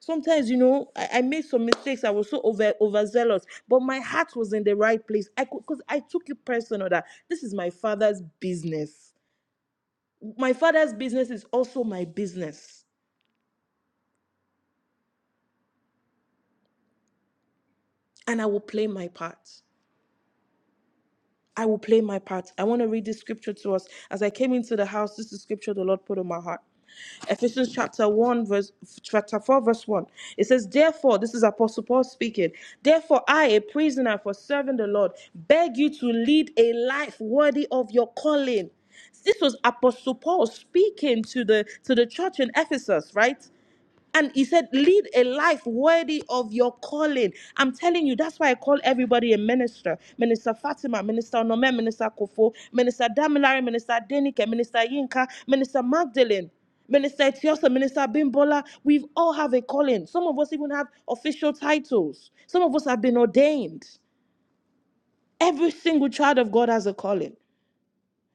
Sometimes, you know, I, I made some mistakes. I was so over overzealous, but my heart was in the right place. I could because I took it personal that this is my father's business. My father's business is also my business, and I will play my part. I will play my part. I want to read this scripture to us. As I came into the house, this is the scripture the Lord put on my heart. Ephesians chapter 1, verse chapter 4, verse 1. It says, Therefore, this is Apostle Paul speaking. Therefore, I, a prisoner for serving the Lord, beg you to lead a life worthy of your calling. This was Apostle Paul speaking to the to the church in Ephesus, right? And he said, lead a life worthy of your calling. I'm telling you, that's why I call everybody a minister. Minister Fatima, Minister Onome, Minister Kofo, Minister Damilare, Minister Denike, Minister Yinka, Minister Magdalene, Minister Etiosa, Minister Bimbola. We all have a calling. Some of us even have official titles. Some of us have been ordained. Every single child of God has a calling.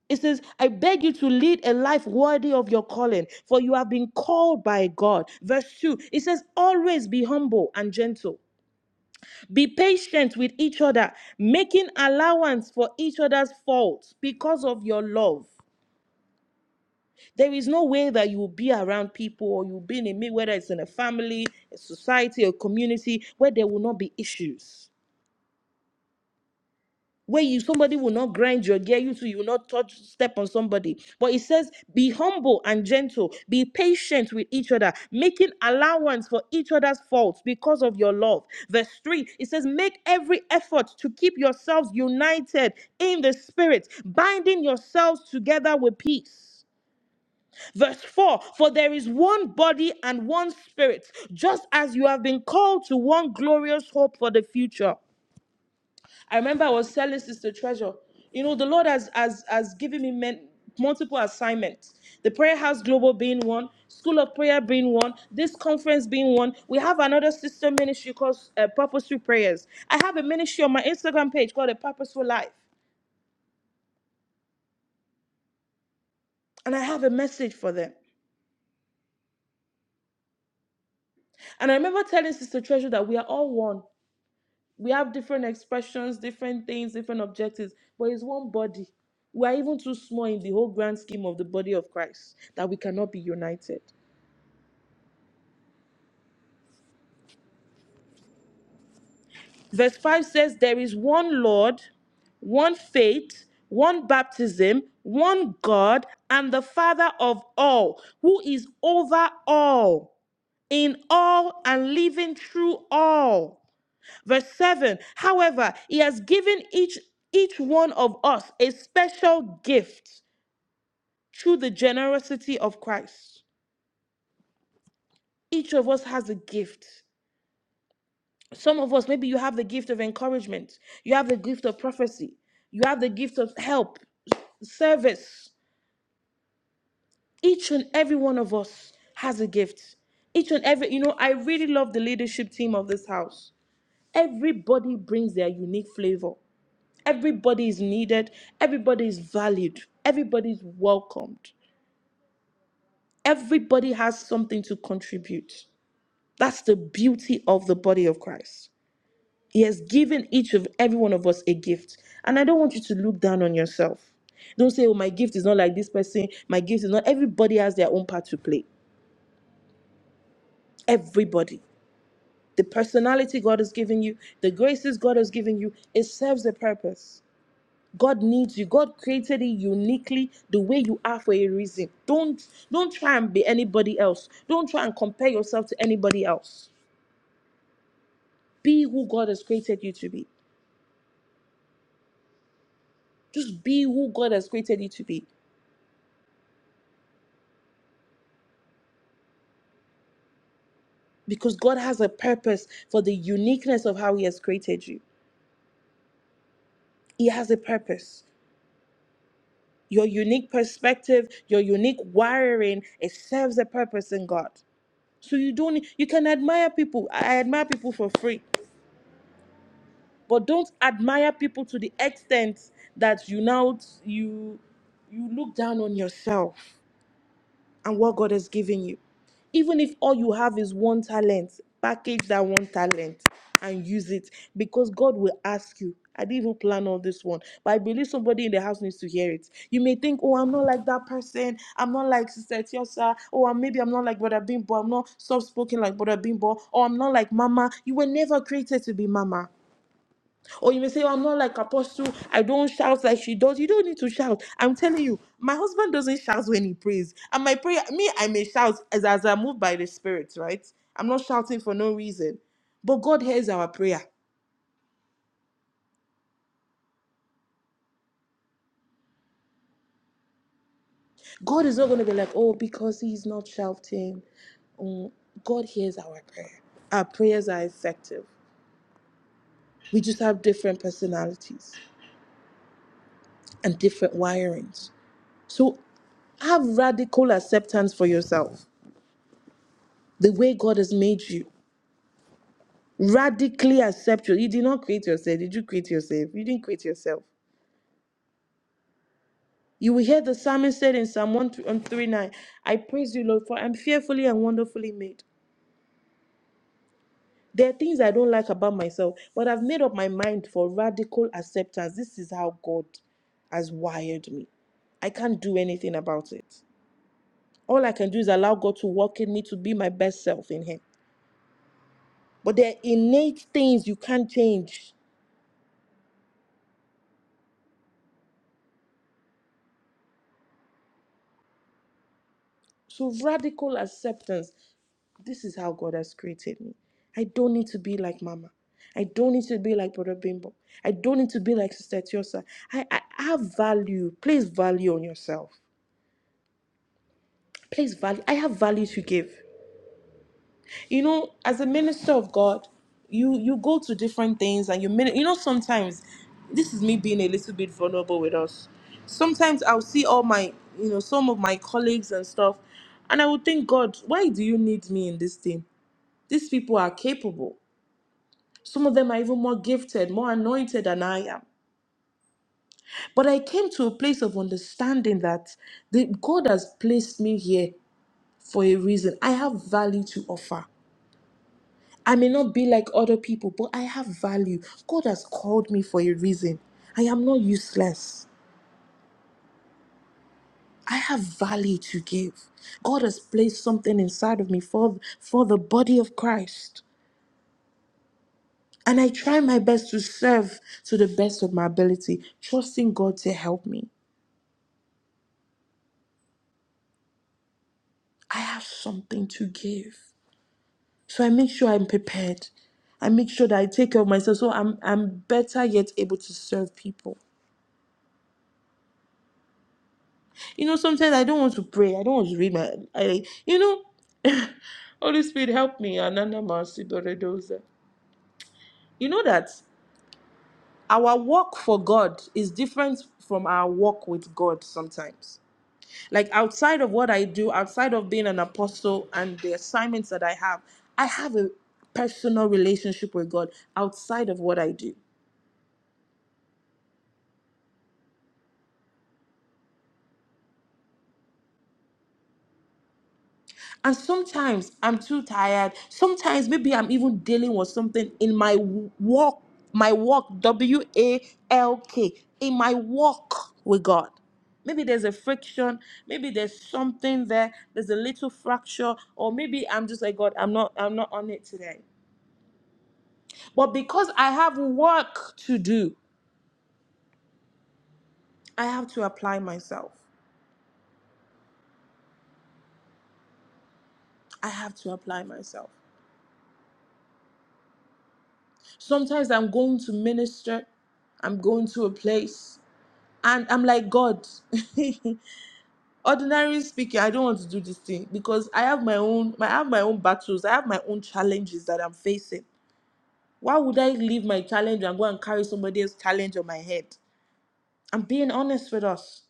It says, I beg you to lead a life worthy of your calling, for you have been called by God. Verse 2, it says, Always be humble and gentle. Be patient with each other, making allowance for each other's faults because of your love. There is no way that you will be around people or you'll be in a meet, whether it's in a family, a society, a community, where there will not be issues. where you somebody will not grind your gear, you too, you will not touch step on somebody. But it says, be humble and gentle, be patient with each other, making allowance for each other's faults because of your love. Verse 3, it says, make every effort to keep yourselves united in the spirit, binding yourselves together with peace. Verse 4 For there is one body and one spirit, just as you have been called to one glorious hope for the future. I remember I was telling Sister Treasure, you know, the Lord has has, has given me men, multiple assignments. The Prayer House Global being one, School of Prayer being one, this conference being one. We have another sister ministry called uh, Purposeful Prayers. I have a ministry on my Instagram page called A Purposeful Life, and I have a message for them. And I remember telling Sister Treasure that we are all one. we have different expressions, different things, different objectives, but it's one body. We are even too small in the whole grand scheme of the body of Christ that we cannot be united. Verse 5 says, There is one Lord, one faith, one baptism, one God, and the Father of all, who is over all, in all, and living through all. Verse 7 However, He has given each each one of us a special gift through the generosity of Christ. Each of us has a gift. Some of us, maybe you have the gift of encouragement, you have the gift of prophecy, you have the gift of help, service. Each and every one of us has a gift. Each and every, you know, I really love the leadership team of this house. Everybody brings their unique flavor. Everybody is needed. Everybody is valued. Everybody is welcomed. Everybody has something to contribute. That's the beauty of the body of Christ. He has given each of every one of us a gift. And I don't want you to look down on yourself. Don't say, oh, my gift is not like this person. My gift is not. Everybody has their own part to play. Everybody. The personality God has given you, the graces God has given you, it serves a purpose. God needs you. God created you uniquely the way you are for a reason. Don't don't try and be anybody else. Don't try and compare yourself to anybody else. Be who God has created you to be. Just be who God has created you to be because God has a purpose for the uniqueness of how He has created you. He has a purpose. Your unique perspective, your unique wiring, it serves a purpose in God. So you don't you can admire people. I admire people for free, but don't admire people to the extent that you now you you look down on yourself. and what God has given you. Even if all you have is one talent, package that one talent and use it because God will ask you. I didn't even plan on this one, but I believe somebody in the house needs to hear it. You may think, "Oh, I'm not like that person. I'm not like Sister Tiosa. Oh, maybe I'm not like Brother Bimbo. I'm not soft-spoken like Brother Bimbo. Or I'm not like Mama. You were never created to be Mama. Or you may say, oh, I'm not like Apostle. I don't shout like she does. You don't need to shout. I'm telling you, my husband doesn't shout when he prays. And my prayer, me, I may shout as, as I'm moved by the Spirit, right? I'm not shouting for no reason. But God hears our prayer. God is not going to be like, oh, because he's not shouting. Mm, God hears our prayer. Our prayers are effective. We just have different personalities and different wirings. So have radical acceptance for yourself, the way God has made you. Radically accept you. You did not create yourself. Did you create yourself? You didn't create yourself. You will hear the psalmist said in Psalm 139, I praise you, Lord, for I'm fearfully and wonderfully made. There are things I don't like about myself, but I've made up my mind for radical acceptance. This is how God has wired me. I can't do anything about it. All I can do is allow God to work in me to be my best self in Him. But there are innate things you can't change. So radical acceptance. This is how God has created me. I don't need to be like Mama. I don't need to be like Brother Bimbo. I don't need to be like Sister Tiosa. I, I have value. Place value on yourself. Place value. I have value to give. You know, as a minister of God, you you go to different things and you min- you know sometimes this is me being a little bit vulnerable with us. Sometimes I'll see all my you know some of my colleagues and stuff and I would think, God, why do you need me in this thing? These people are capable. Some of them are even more gifted, more anointed than I am. But I came to a place of understanding that the, God has placed me here for a reason. I have value to offer. I may not be like other people, but I have value. God has called me for a reason. I am not useless. I have value to give. God has placed something inside of me for, for the body of Christ. And I try my best to serve to the best of my ability, trusting God to help me. I have something to give. So I make sure I'm prepared. I make sure that I take care of myself so I'm I'm better yet able to serve people. You know, sometimes I don't want to pray. I don't want to read my I you know, Holy Spirit help me. Anana Masi Doredoza. You know that our walk for God is different from our walk with God sometimes Like outside of what I do, outside of being an apostle and the assignments that I have, I have a personal relationship with God outside of what I do. And sometimes I'm too tired. Sometimes maybe I'm even dealing with something in my w- walk, my walk, W A L K, in my walk with God. Maybe there's a friction, maybe there's something there, there's a little fracture, or maybe I'm just like God, I'm not I'm not on it today. But because I have work to do, I have to apply myself. I have to apply myself. Sometimes I'm going to minister, I'm going to a place, and I'm like, God, [LAUGHS] ordinarily speaking, I don't want to do this thing because I have my own I have my own battles, I have my own challenges that I'm facing. Why would I leave my challenge and go and carry somebody else's challenge on my head? I'm being honest with us.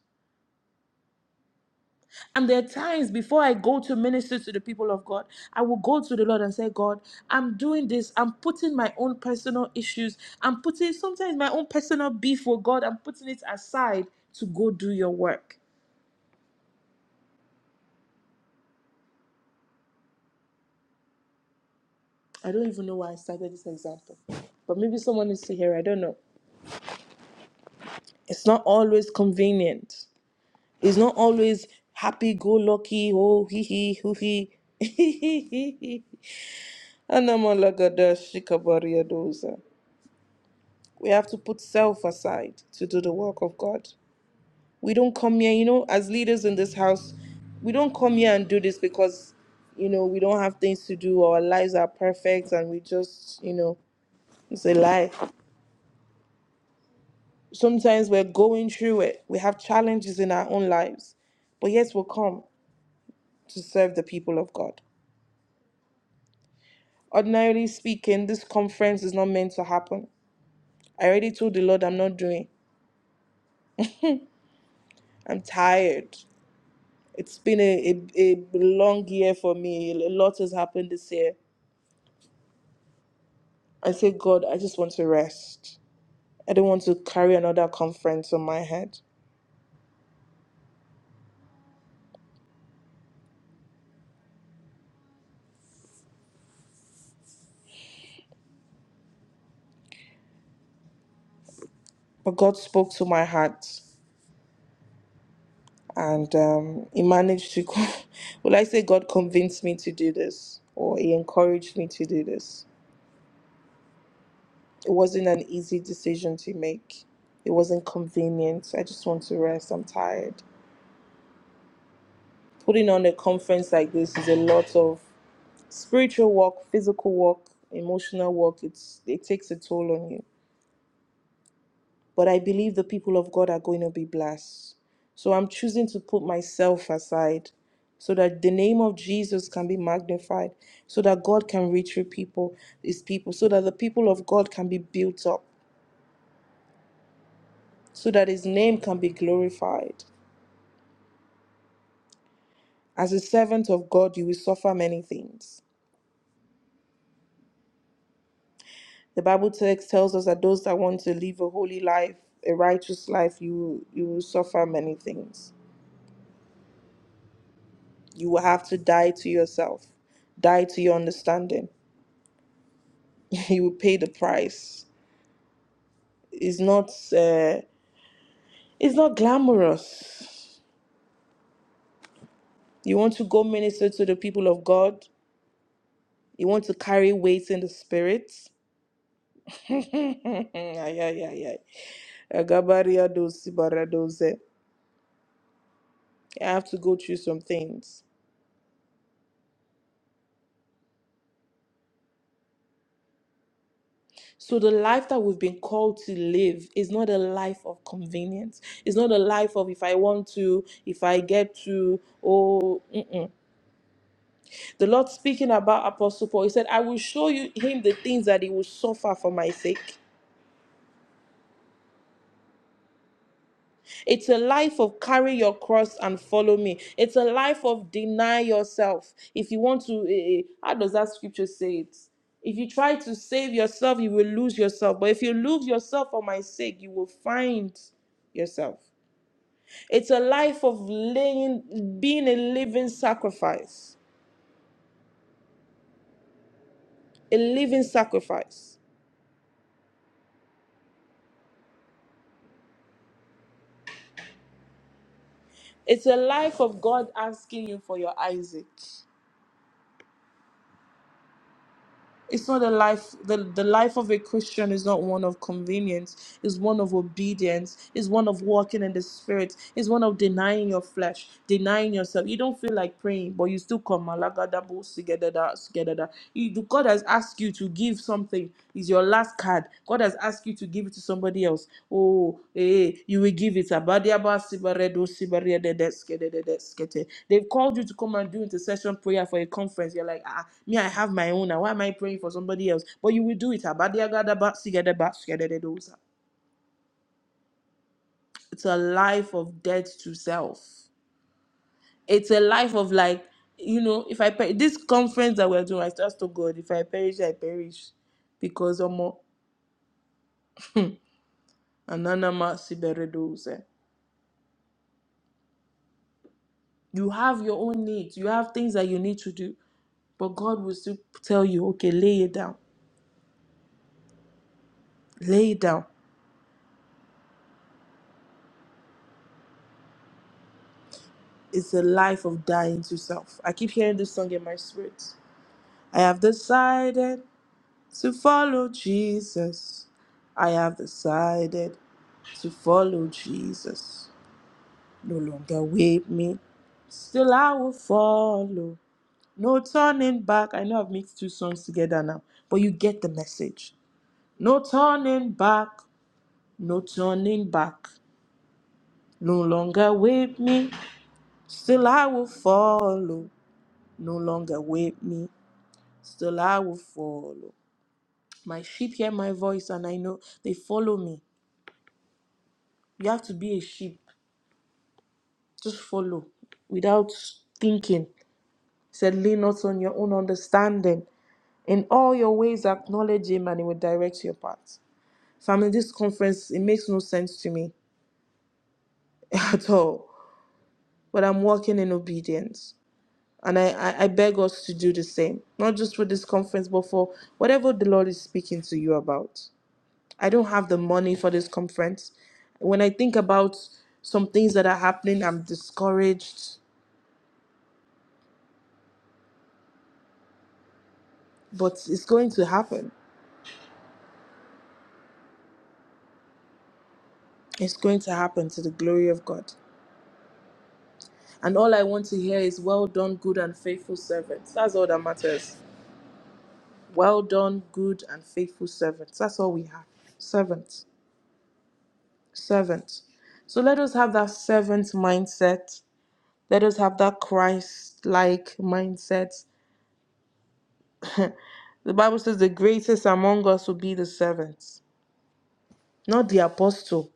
And there are times before I go to minister to the people of God, I will go to the Lord and say, God, I'm doing this. I'm putting my own personal issues. I'm putting sometimes my own personal beef for God. I'm putting it aside to go do your work. I don't even know why I started this example, but maybe someone needs to hear. I don't know. It's not always convenient. It's not always happy go lucky. Oh, hee hee, hoo hee. [LAUGHS] Anamalagadashikabariadosa. We have to put self aside to do the work of God. We don't come here, you know, as leaders in this house, we don't come here and do this because, you know, we don't have things to do, our lives are perfect, and we just, you know, it's a lie. Sometimes we're going through it, we have challenges in our own lives, but yes, we'll come to serve the people of God. Ordinarily speaking, this conference is not meant to happen. I already told the Lord I'm not doing. I'm tired. It's been a, a, a long year for me. A lot has happened this year. I say, God, I just want to rest. I don't want to carry another conference on my head. But God spoke to my heart and um, He managed to, [LAUGHS] will I say, God convinced me to do this or He encouraged me to do this. It wasn't an easy decision to make, it wasn't convenient. I just want to rest. I'm tired. Putting on a conference like this is a lot of spiritual work, physical work, emotional work, it's it takes a toll on you. But I believe the people of God are going to be blessed. So I'm choosing to put myself aside so that the name of Jesus can be magnified, so that God can reach your people, his people, so that the people of God can be built up, so that his name can be glorified. As a servant of God, you will suffer many things. The Bible text tells us that those that want to live a holy life, a righteous life, you you will suffer many things. You will have to die to yourself, die to your understanding. [LAUGHS] You will pay the price. It's not uh, it's not glamorous. You want to go minister to the people of God. You want to carry weights in the spirit. [LAUGHS] Ay, ay, ay, ay. Agabaria dosi baradoze. I have to go through some things. So the life that we've been called to live is not a life of convenience. It's not a life of if I want to, if I get to, oh, mm-mm. the Lord speaking about Apostle Paul, he said, I will show you him the things that he will suffer for my sake. It's a life of carry your cross and follow me. It's a life of deny yourself. If you want to, eh, eh, how does that scripture say it? If you try to save yourself, you will lose yourself. But if you lose yourself for my sake, you will find yourself. It's a life of laying, being a living sacrifice, a living sacrifice. It's a life of God asking you for your Isaac. It's not a life, the, the life of a Christian is not one of convenience, it's one of obedience, it's one of walking in the spirit, it's one of denying your flesh, denying yourself. You don't feel like praying, but you still come. Malagadabu, sigedada, sigedada. You- God has asked you to give something, It's your last card. God has asked you to give it to somebody else. Oh, eh, you will give it. Abadiaba sibaredo sibarededeskedededeskete. They've called you to come and do intercession prayer for a conference. You're like, ah, me, I have my own. Now, why am I praying for somebody else? But you will do it. Abadiagadaba sigedeba sikedededosa. It's a life of death to self it's a life of like you know if i per- this conference that we're doing i just told god if i perish i perish because i'm more ananama siberedos You have your own needs. You have things that you need to do. But God will still tell you, okay, lay it down. Lay it down. It's a life of dying to self. I keep hearing this song in my spirit. I have decided to follow Jesus. I have decided to follow Jesus. No longer with me. Still I will follow. No turning back. I know I've mixed two songs together now, but you get the message. No turning back. no turning back. No longer with me, still I will follow. No longer with me, still I will follow. My sheep hear my voice and I know they follow me. You have to be a sheep, just follow without thinking. He said, Lean not on your own understanding. In all your ways, acknowledge Him and He will direct your path. Family, this conference, it makes no sense to me [LAUGHS] at all, but I'm walking in obedience. And I, I, I beg us to do the same, not just for this conference, but for whatever the Lord is speaking to you about. I don't have the money for this conference. When I think about some things that are happening, I'm discouraged, but it's going to happen. It's going to happen to the glory of God. And all I want to hear is, Well done, good and faithful servants. That's all that matters. Well done, good and faithful servants. That's all we have. Servants. Servants. So let us have that servant mindset Let us have that Christ like mindset. The Bible says the greatest among us will be the servants, not the apostle.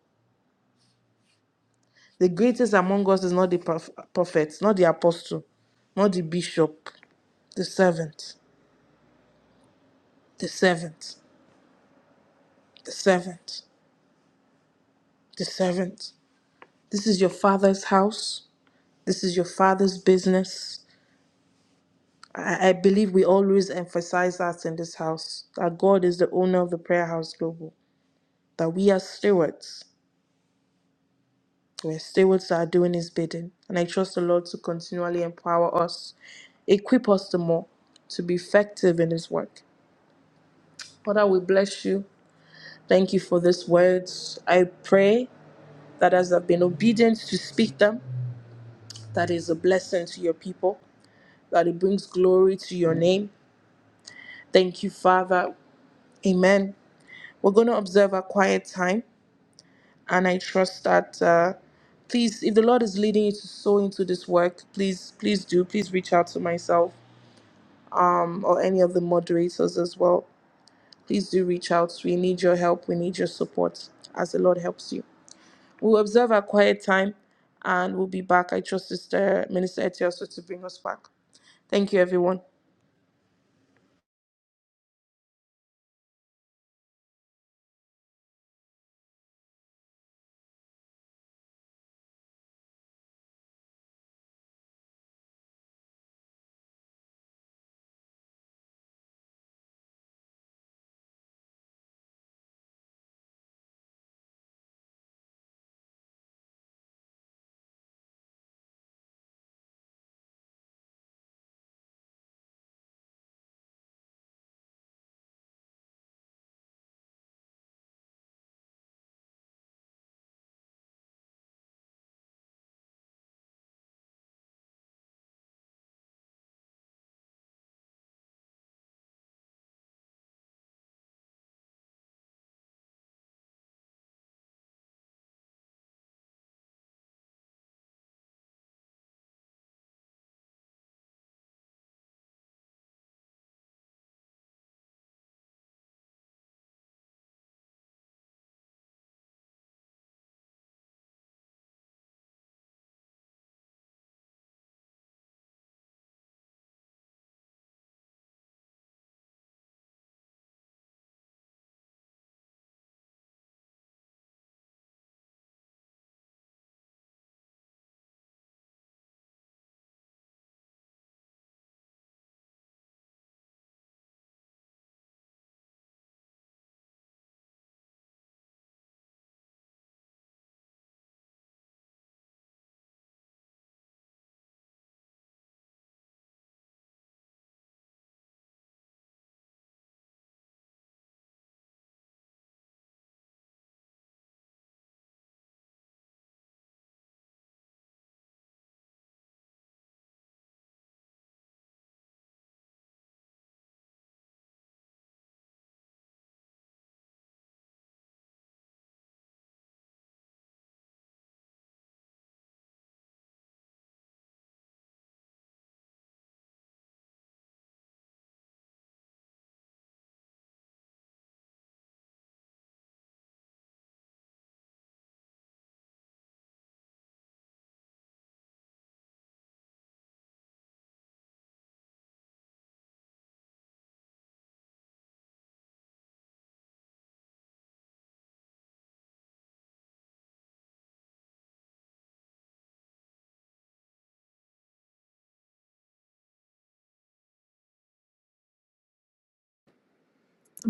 The greatest among us is not the prof- prophet, not the apostle, not the bishop, the servant, the servant, the servant, the servant. This is your father's house. This is your father's business. I, I believe we always emphasize that in this house that God is the owner of the prayer house global, that we are stewards We're stewards that are doing His bidding, and I trust the Lord to continually empower us, equip us the more to be effective in His work. Father, we bless you. Thank you for these words. I pray that as I've been obedient to speak them, that is a blessing to your people, that it brings glory to your name. Thank you, Father. Amen. We're going to observe a quiet time, and I trust that. Uh, please, if the Lord is leading you to sow into this work, please, please do. Please reach out to myself. or any of the moderators as well, please do reach out. We need your help. We need your support as the Lord helps you. We'll observe our quiet time and we'll be back. I trust Sister Minister Etioso to bring us back. Thank you, everyone.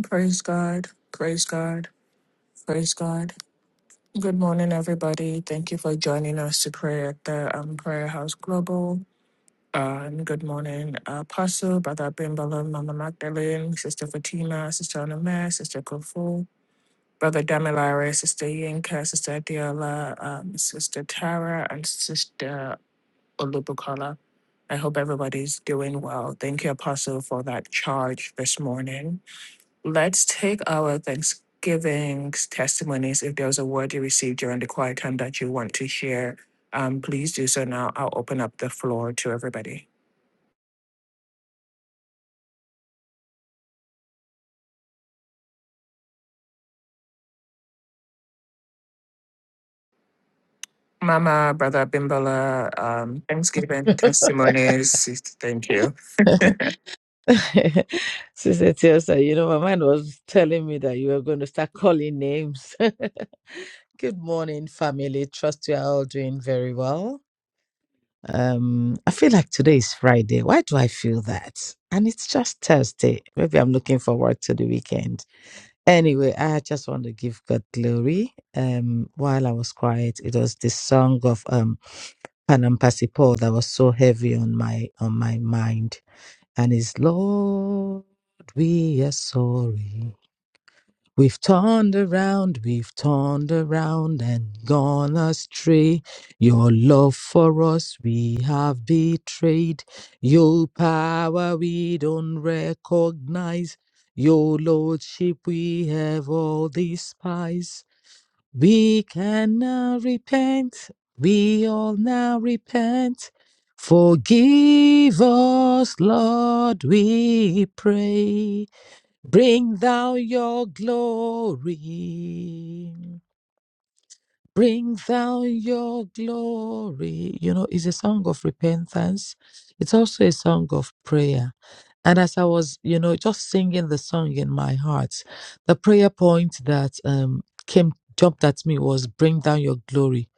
Praise God. Praise God. Praise God. Good morning, everybody. Thank you for joining us to pray at the um, Prayer House Global. Uh, and good morning, Apostle, Brother Bimbala, Mama Magdalene, Sister Fatima, Sister Anamare, Sister Kofu, Brother Damilare, Sister Yinka, Sister Adiola, um, Sister Tara, and Sister Olubukola. I hope everybody's doing well. Thank you, Apostle, for that charge this morning. Let's take our Thanksgiving testimonies. If there's a word you received during the quiet time that you want to share, um, please do so now. I'll open up the floor to everybody. Mama, Brother Bimbola, um, Thanksgiving [LAUGHS] testimonies. Thank you. Sister Tiosa, you know, my mind was telling me that you were going to start calling names. [LAUGHS] Good morning, family. Trust you are all doing very well. Um, I feel like today is Friday. Why do I feel that? And it's just Thursday. Maybe I'm looking forward to the weekend. Anyway, I just want to give God glory. Um, while I was quiet, it was the song of um Panampasi Paul that was so heavy on my on my mind. And it's Lord, we are sorry. We've turned around, we've turned around and gone astray. Your love for us we have betrayed. Your power we don't recognize. Your lordship we have all despise. We can now repent, we all now repent. Forgive us, Lord, we pray. Bring thou your glory. Bring thou your glory. You know, it's a song of repentance. It's also a song of prayer. And as I was, you know, just singing the song in my heart, the prayer point that um, came, jumped at me was bring down your glory.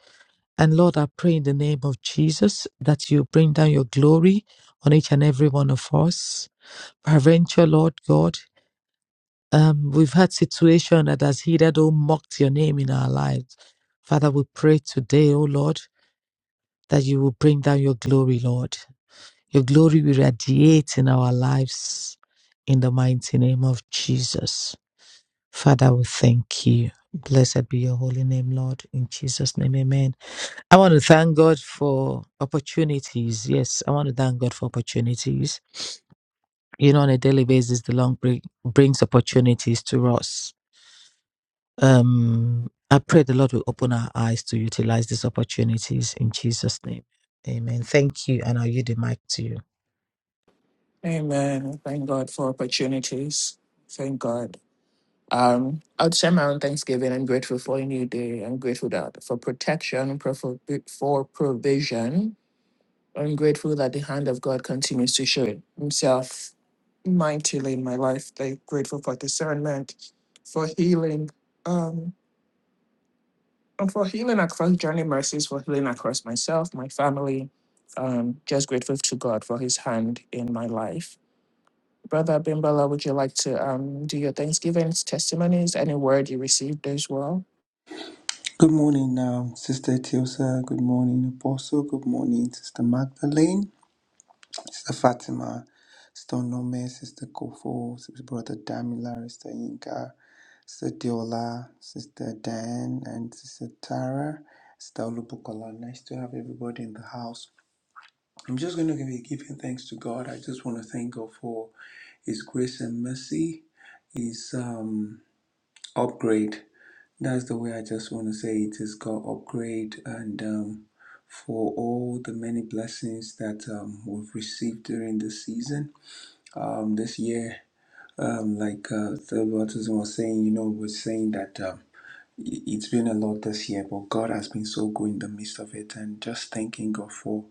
And Lord, I pray in the name of Jesus that you bring down your glory on each and every one of us. Peradventure, Lord God. Um, we've had situation that has heeded or mocked your name in our lives. Father, we pray today, O Lord, that you will bring down your glory, Lord. Your glory will radiate in our lives in the mighty name of Jesus. Father, we thank you. Blessed be your holy name, Lord. In Jesus' name, amen. I want to thank God for opportunities. Yes, I want to thank God for opportunities. You know, on a daily basis, the Lord bring, brings opportunities to us Um, I pray the Lord will open our eyes to utilize these opportunities in Jesus' name. Amen. Thank you, and I'll yield the mic to you. Amen. Thank God for opportunities. Thank God. Um, I would share my own thanksgiving. I'm grateful for a new day. I'm grateful that for protection, pro- for, for provision. I'm grateful that the hand of God continues to show Himself mightily in my life. I'm grateful for discernment, for healing, um, and for healing across journey mercies, for healing across myself, my family. Um, just grateful to God for His hand in my life Brother Bimbala, would you like to um, do your Thanksgivings, testimonies, any word you received as well? Good morning, um, Sister Tiosa. Good morning, Apostle. Good morning, Sister Magdalene. Sister Fatima, Sister Nome, Sister Kofo, Sister Brother Damila, Sister Inka, Sister Diola, Sister Dan, and Sister Tara, Sister Olubukola. Nice to have everybody in the house. I'm just going to be giving thanks to God. I just want to thank God for His grace and mercy. His um upgrade. That's the way I just want to say It it is God upgrade and um, for all the many blessings that um, we've received during this season, um, this year. Um, like uh, the baptism was saying, you know, was saying that. Um, it- it's been a lot this year, but God has been so good in the midst of it, and just thanking God for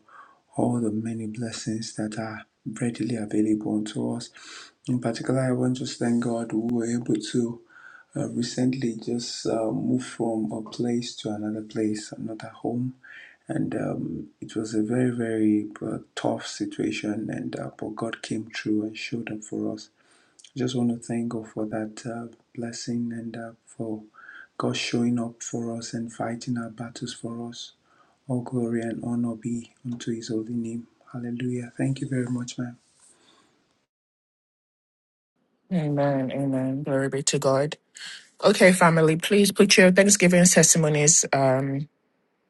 all the many blessings that are readily available unto us. In particular, I want to thank God we were able to uh, recently just uh, moved from a place to another place, another home, and um, it was a very very uh, tough situation, and uh, but God came through and showed up for us just want to thank God for that uh, blessing and uh, for God showing up for us and fighting our battles for us. All glory and honor be unto His holy name. Hallelujah. Thank you very much, man. Amen. Amen. Glory be to God. Okay, family, please put your Thanksgiving testimonies, um,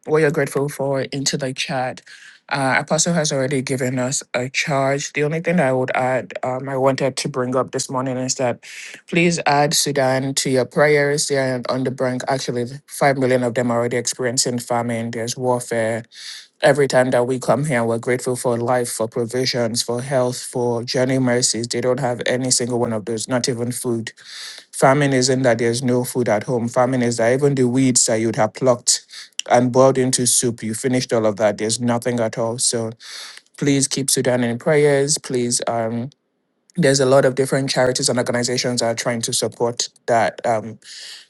what you're grateful for, into the chat. Uh, Apostle has already given us a charge. The only thing I would add, um, I wanted to bring up this morning is that please add Sudan to your prayers. They are on the brink. Actually, 5 million of them are already experiencing famine. There's warfare every time that we come here, we're grateful for life, for provisions, for health, for journey mercies. They don't have any single one of those, not even food. Famine isn't that there's no food at home. Famine is that even the weeds that you'd have plucked and boiled into soup, you finished all of that. There's nothing at all. So please keep Sudan in prayers. Please, um, there's a lot of different charities and organizations that are trying to support that um,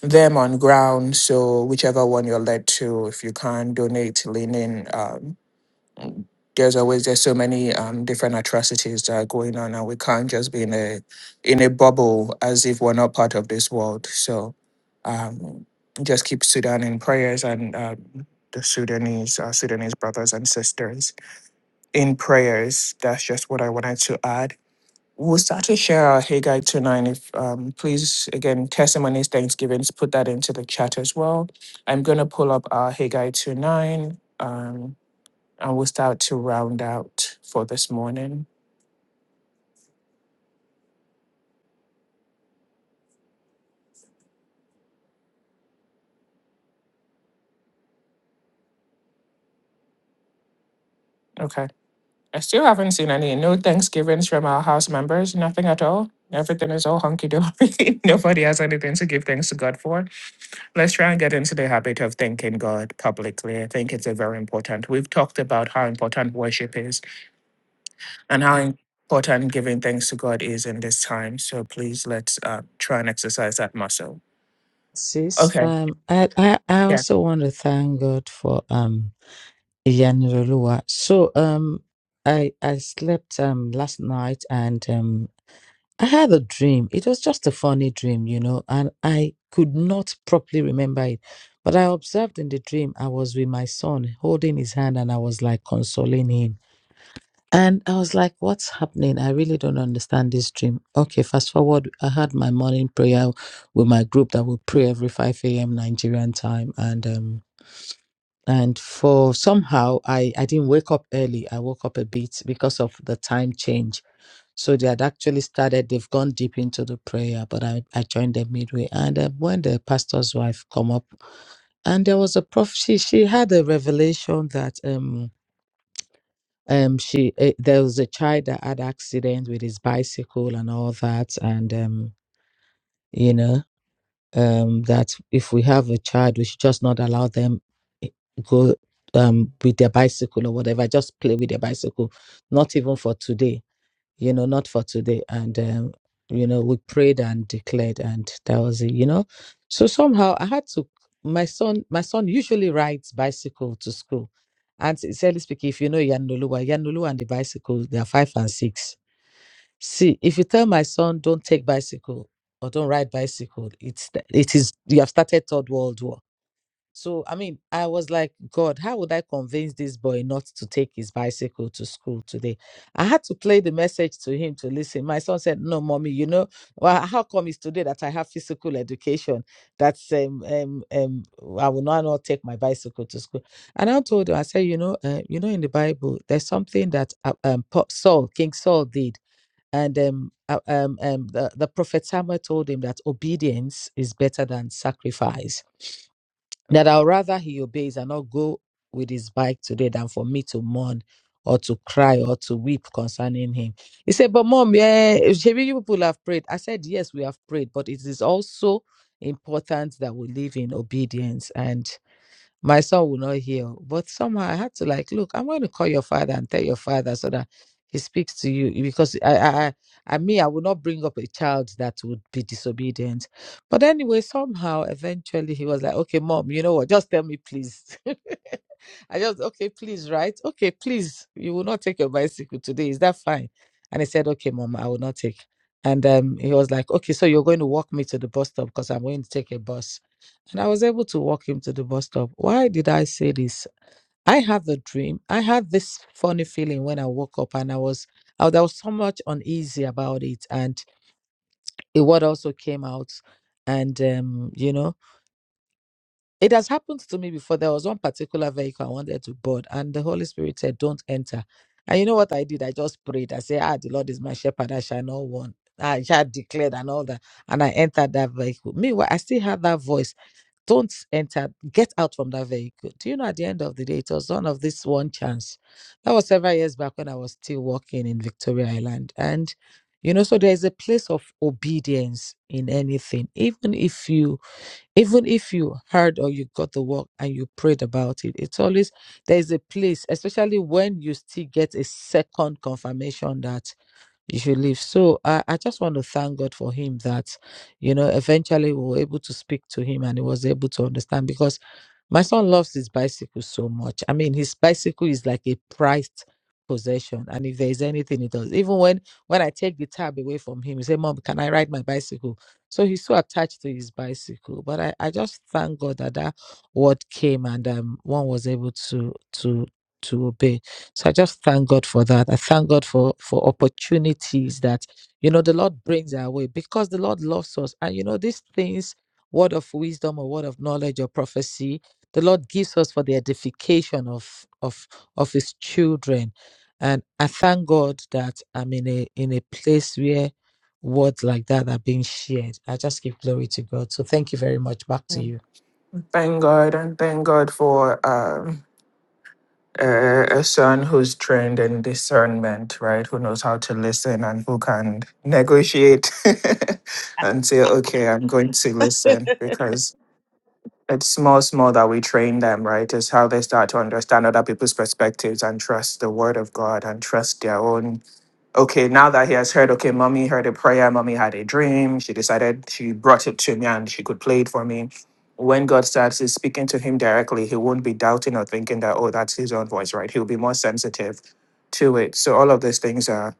them on ground. So whichever one you're led to, if you can donate, lean in. Um, there's always there's so many um, different atrocities that are going on and we can't just be in a in a bubble as if we're not part of this world so um, just keep sudan in prayers and uh, the sudanese uh, sudanese brothers and sisters in prayers that's just what i wanted to add we'll start to share our Haggai two nine. if um, please again testimonies thanksgivings put that into the chat as well i'm going to pull up our Haggai two nine. um, I will start to round out for this morning. Okay. I still haven't seen any. No Thanksgivings from our house members, nothing at all. Everything is all hunky dory. [LAUGHS] Nobody has anything to give thanks to God for. Let's try and get into the habit of thanking God publicly. I think it's a very important. We've talked about how important worship is and how important giving thanks to God is in this time. So please let's uh, try and exercise that muscle. Sis, Okay. um, I, I, I Yeah. also want to thank God for um Iyaniroluwa. So um I I slept um last night and um I had a dream. It was just a funny dream, you know, and I could not properly remember it. But I observed in the dream I was with my son holding his hand and I was like consoling him And I was like, what's happening? I really don't understand this dream. Okay, fast forward. I had my morning prayer with my group that would pray every 5 a.m. Nigerian time. And um and for somehow I, I didn't wake up early. I woke up a bit because of the time change. So they had actually started, they've gone deep into the prayer, but I, I joined them midway. And uh, when the pastor's wife come up, and there was a prophecy, she she had a revelation that um um she it, there was a child that had accident with his bicycle and all that and um you know um that if we have a child we should just not allow them i- go um with their bicycle or whatever just play with their bicycle not even for today you know, not for today. And, um, you know, we prayed and declared, and that was it, you know. So somehow I had to, my son, my son usually rides bicycle to school. And sincerely speaking, if you know Yanulua, Yanulua and the bicycle, they are five and six. See, if you tell my son, don't take bicycle or don't ride bicycle, it's, it is, you have started third world war so, I mean, I was like, God, how would I convince this boy not to take his bicycle to school today? I had to play the message to him to listen. My son said, No, mommy, you know, well, how come it's today that I have physical education? That's um, um, um, I will not, not take my bicycle to school. And I told him, I said, You know, uh, you know, in the Bible, there's something that uh, um, Pa- Saul, King Saul did. And um, uh, um, um, the, the prophet Samuel told him that obedience is better than sacrifice that I'll rather he obeys and not go with his bike today than for me to mourn or to cry or to weep concerning him. He said, But mom, yeah, Shebi, you people have prayed. I said, Yes, we have prayed, but it is also important that we live in obedience. and." my son will not heal. But somehow I had to like, look, I'm going to call your father and tell your father so that he speaks to you because I, I, I I mean, I would not bring up a child that would be disobedient. But anyway, somehow, eventually, he was like, okay, mom, you know what? Just tell me, please. [LAUGHS] I just, okay, please, right? Okay, please, you will not take your bicycle today. Is that fine? And he said, okay, mom, I will not take. And um, he was like, okay, so you're going to walk me to the bus stop because I'm going to take a bus. And I was able to walk him to the bus stop. Why did I say this? I had the dream. I had this funny feeling when I woke up and I was I, was- I was so much uneasy about it. And a word also came out. And um, you know, it has happened to me before. There was one particular vehicle I wanted to board, and the Holy Spirit said, Don't enter. And you know what I did? I just prayed. I said, Ah, the Lord is my shepherd, I shall not want. I shall declare and all that. And I entered that vehicle. Meanwhile, I still had that voice don't enter get out from that vehicle do you know at the end of the day it was one of this one chance that was several years back when i was still working in victoria island and you know so there's a place of obedience in anything even if you even if you heard or you got the work and you prayed about it it's always there's a place especially when you still get a second confirmation that you should leave. So I, I just want to thank God for him that, you know, eventually we were able to speak to him and he was able to understand because my son loves his bicycle so much. I mean, his bicycle is like a prized possession. And if there's anything he does, even when when I take the tab away from him, he say, Mom, can I ride my bicycle? So he's so attached to his bicycle. But I, I just thank God that that word came and um, one was able to to to obey. So I just thank God for that. I thank God for for opportunities that you know the Lord brings our way because the Lord loves us. And you know these things, word of wisdom or word of knowledge or prophecy, the Lord gives us for the edification of of of His children. And I thank God that I'm in a in a place where words like that are being shared. I just give glory to God. So thank you very much. Back to you. Thank God and thank God for. Um, a, a son who's trained in discernment, right? Who knows how to listen and who can negotiate [LAUGHS] and say, okay, I'm going to listen because it's small, small that we train them, right? Is how they start to understand other people's perspectives and trust the word of God and trust their own. Okay, now that he has heard, okay, mommy heard a prayer, mommy had a dream, she decided she brought it to me and she could play it for me. When God starts is speaking to him directly, he won't be doubting or thinking that, oh, that's his own voice, right? He'll be more sensitive to it. So all of these things are,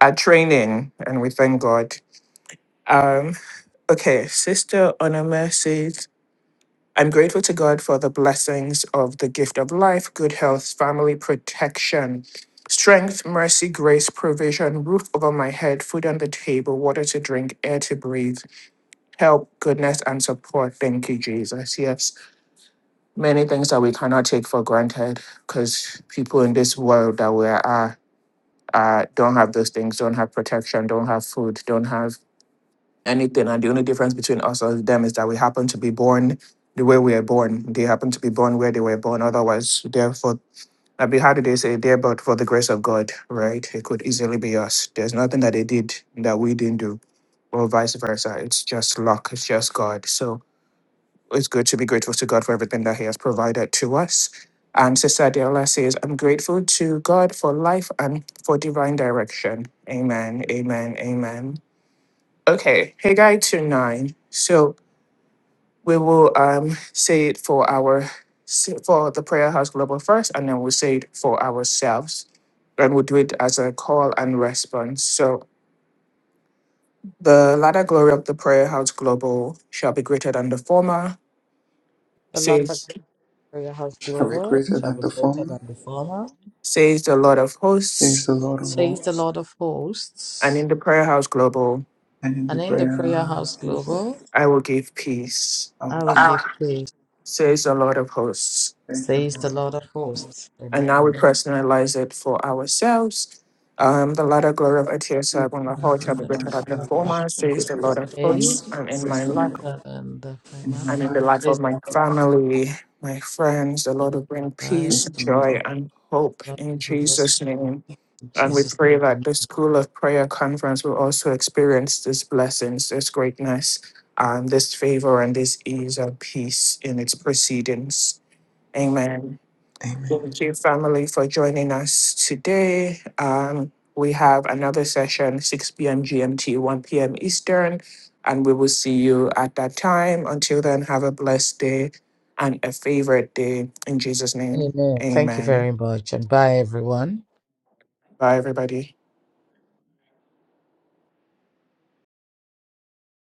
are training and we thank God. Um, okay, Sister Onomese I'm grateful to God for the blessings of the gift of life, good health, family protection, strength, mercy, grace, provision, roof over my head, food on the table, water to drink, air to breathe, help, goodness, and support. Thank you, Jesus. Yes, many things that we cannot take for granted because people in this world that we are. Uh, don't have those things, don't have protection, don't have food, don't have anything. And the only difference between us and them is that we happen to be born the way we are born. They happen to be born where they were born. Otherwise, therefore, I mean, how did they say? There, but for the grace of God, right? It could easily be us. There's nothing that they did that we didn't do, or vice versa. It's just luck. It's just God. So it's good to be grateful to God for everything that He has provided to us. And Sister Adela says, I'm grateful to God for life and for divine direction. Amen. Amen. Amen. Okay, Haggai 2 9. So we will um say it for our for the prayer house global first, and then we'll say it for ourselves. And we'll do it as a call and response. So the latter glory of the prayer house global shall be greater than the former, says Prayer house global shall be greater than the former, says the Lord of Praise hosts, the Lord of says the hosts. Lord of and in hosts. the prayer house global And And in the prayer in house His love, global, I will give peace. I will give Ah. praise, Says the Lord of hosts. thank says the Lord of hosts. And now we Amen. personalize it for ourselves. Um, the latter glory of Etiosab you on the for whole The shall having be one greater than for the blessing of God lavish. former, and Good says the the Lord and the of former. hosts, praise and in will be Says my the Lord life, of greater than the in former, and my in the life. life of says my family, my friends, the the Lord will Lord of bring life. peace, Says the Lord of joy, and hope Lord, in forgive us Jesus' name. in And we Jesus' pray name. that the School of Prayer Conference will also experience these blessings, this greatness, and this favor and this ease and peace in its proceedings. Amen. Amen. Thank you, family, for joining us today. Um, we have another session, 6 p.m. GMT, 1 p.m. Eastern, and we will see you at that time. Until then, have a blessed day and a favorite day. In Jesus' name, Amen. Thank you amen. very much, and bye, everyone. Bye, everybody.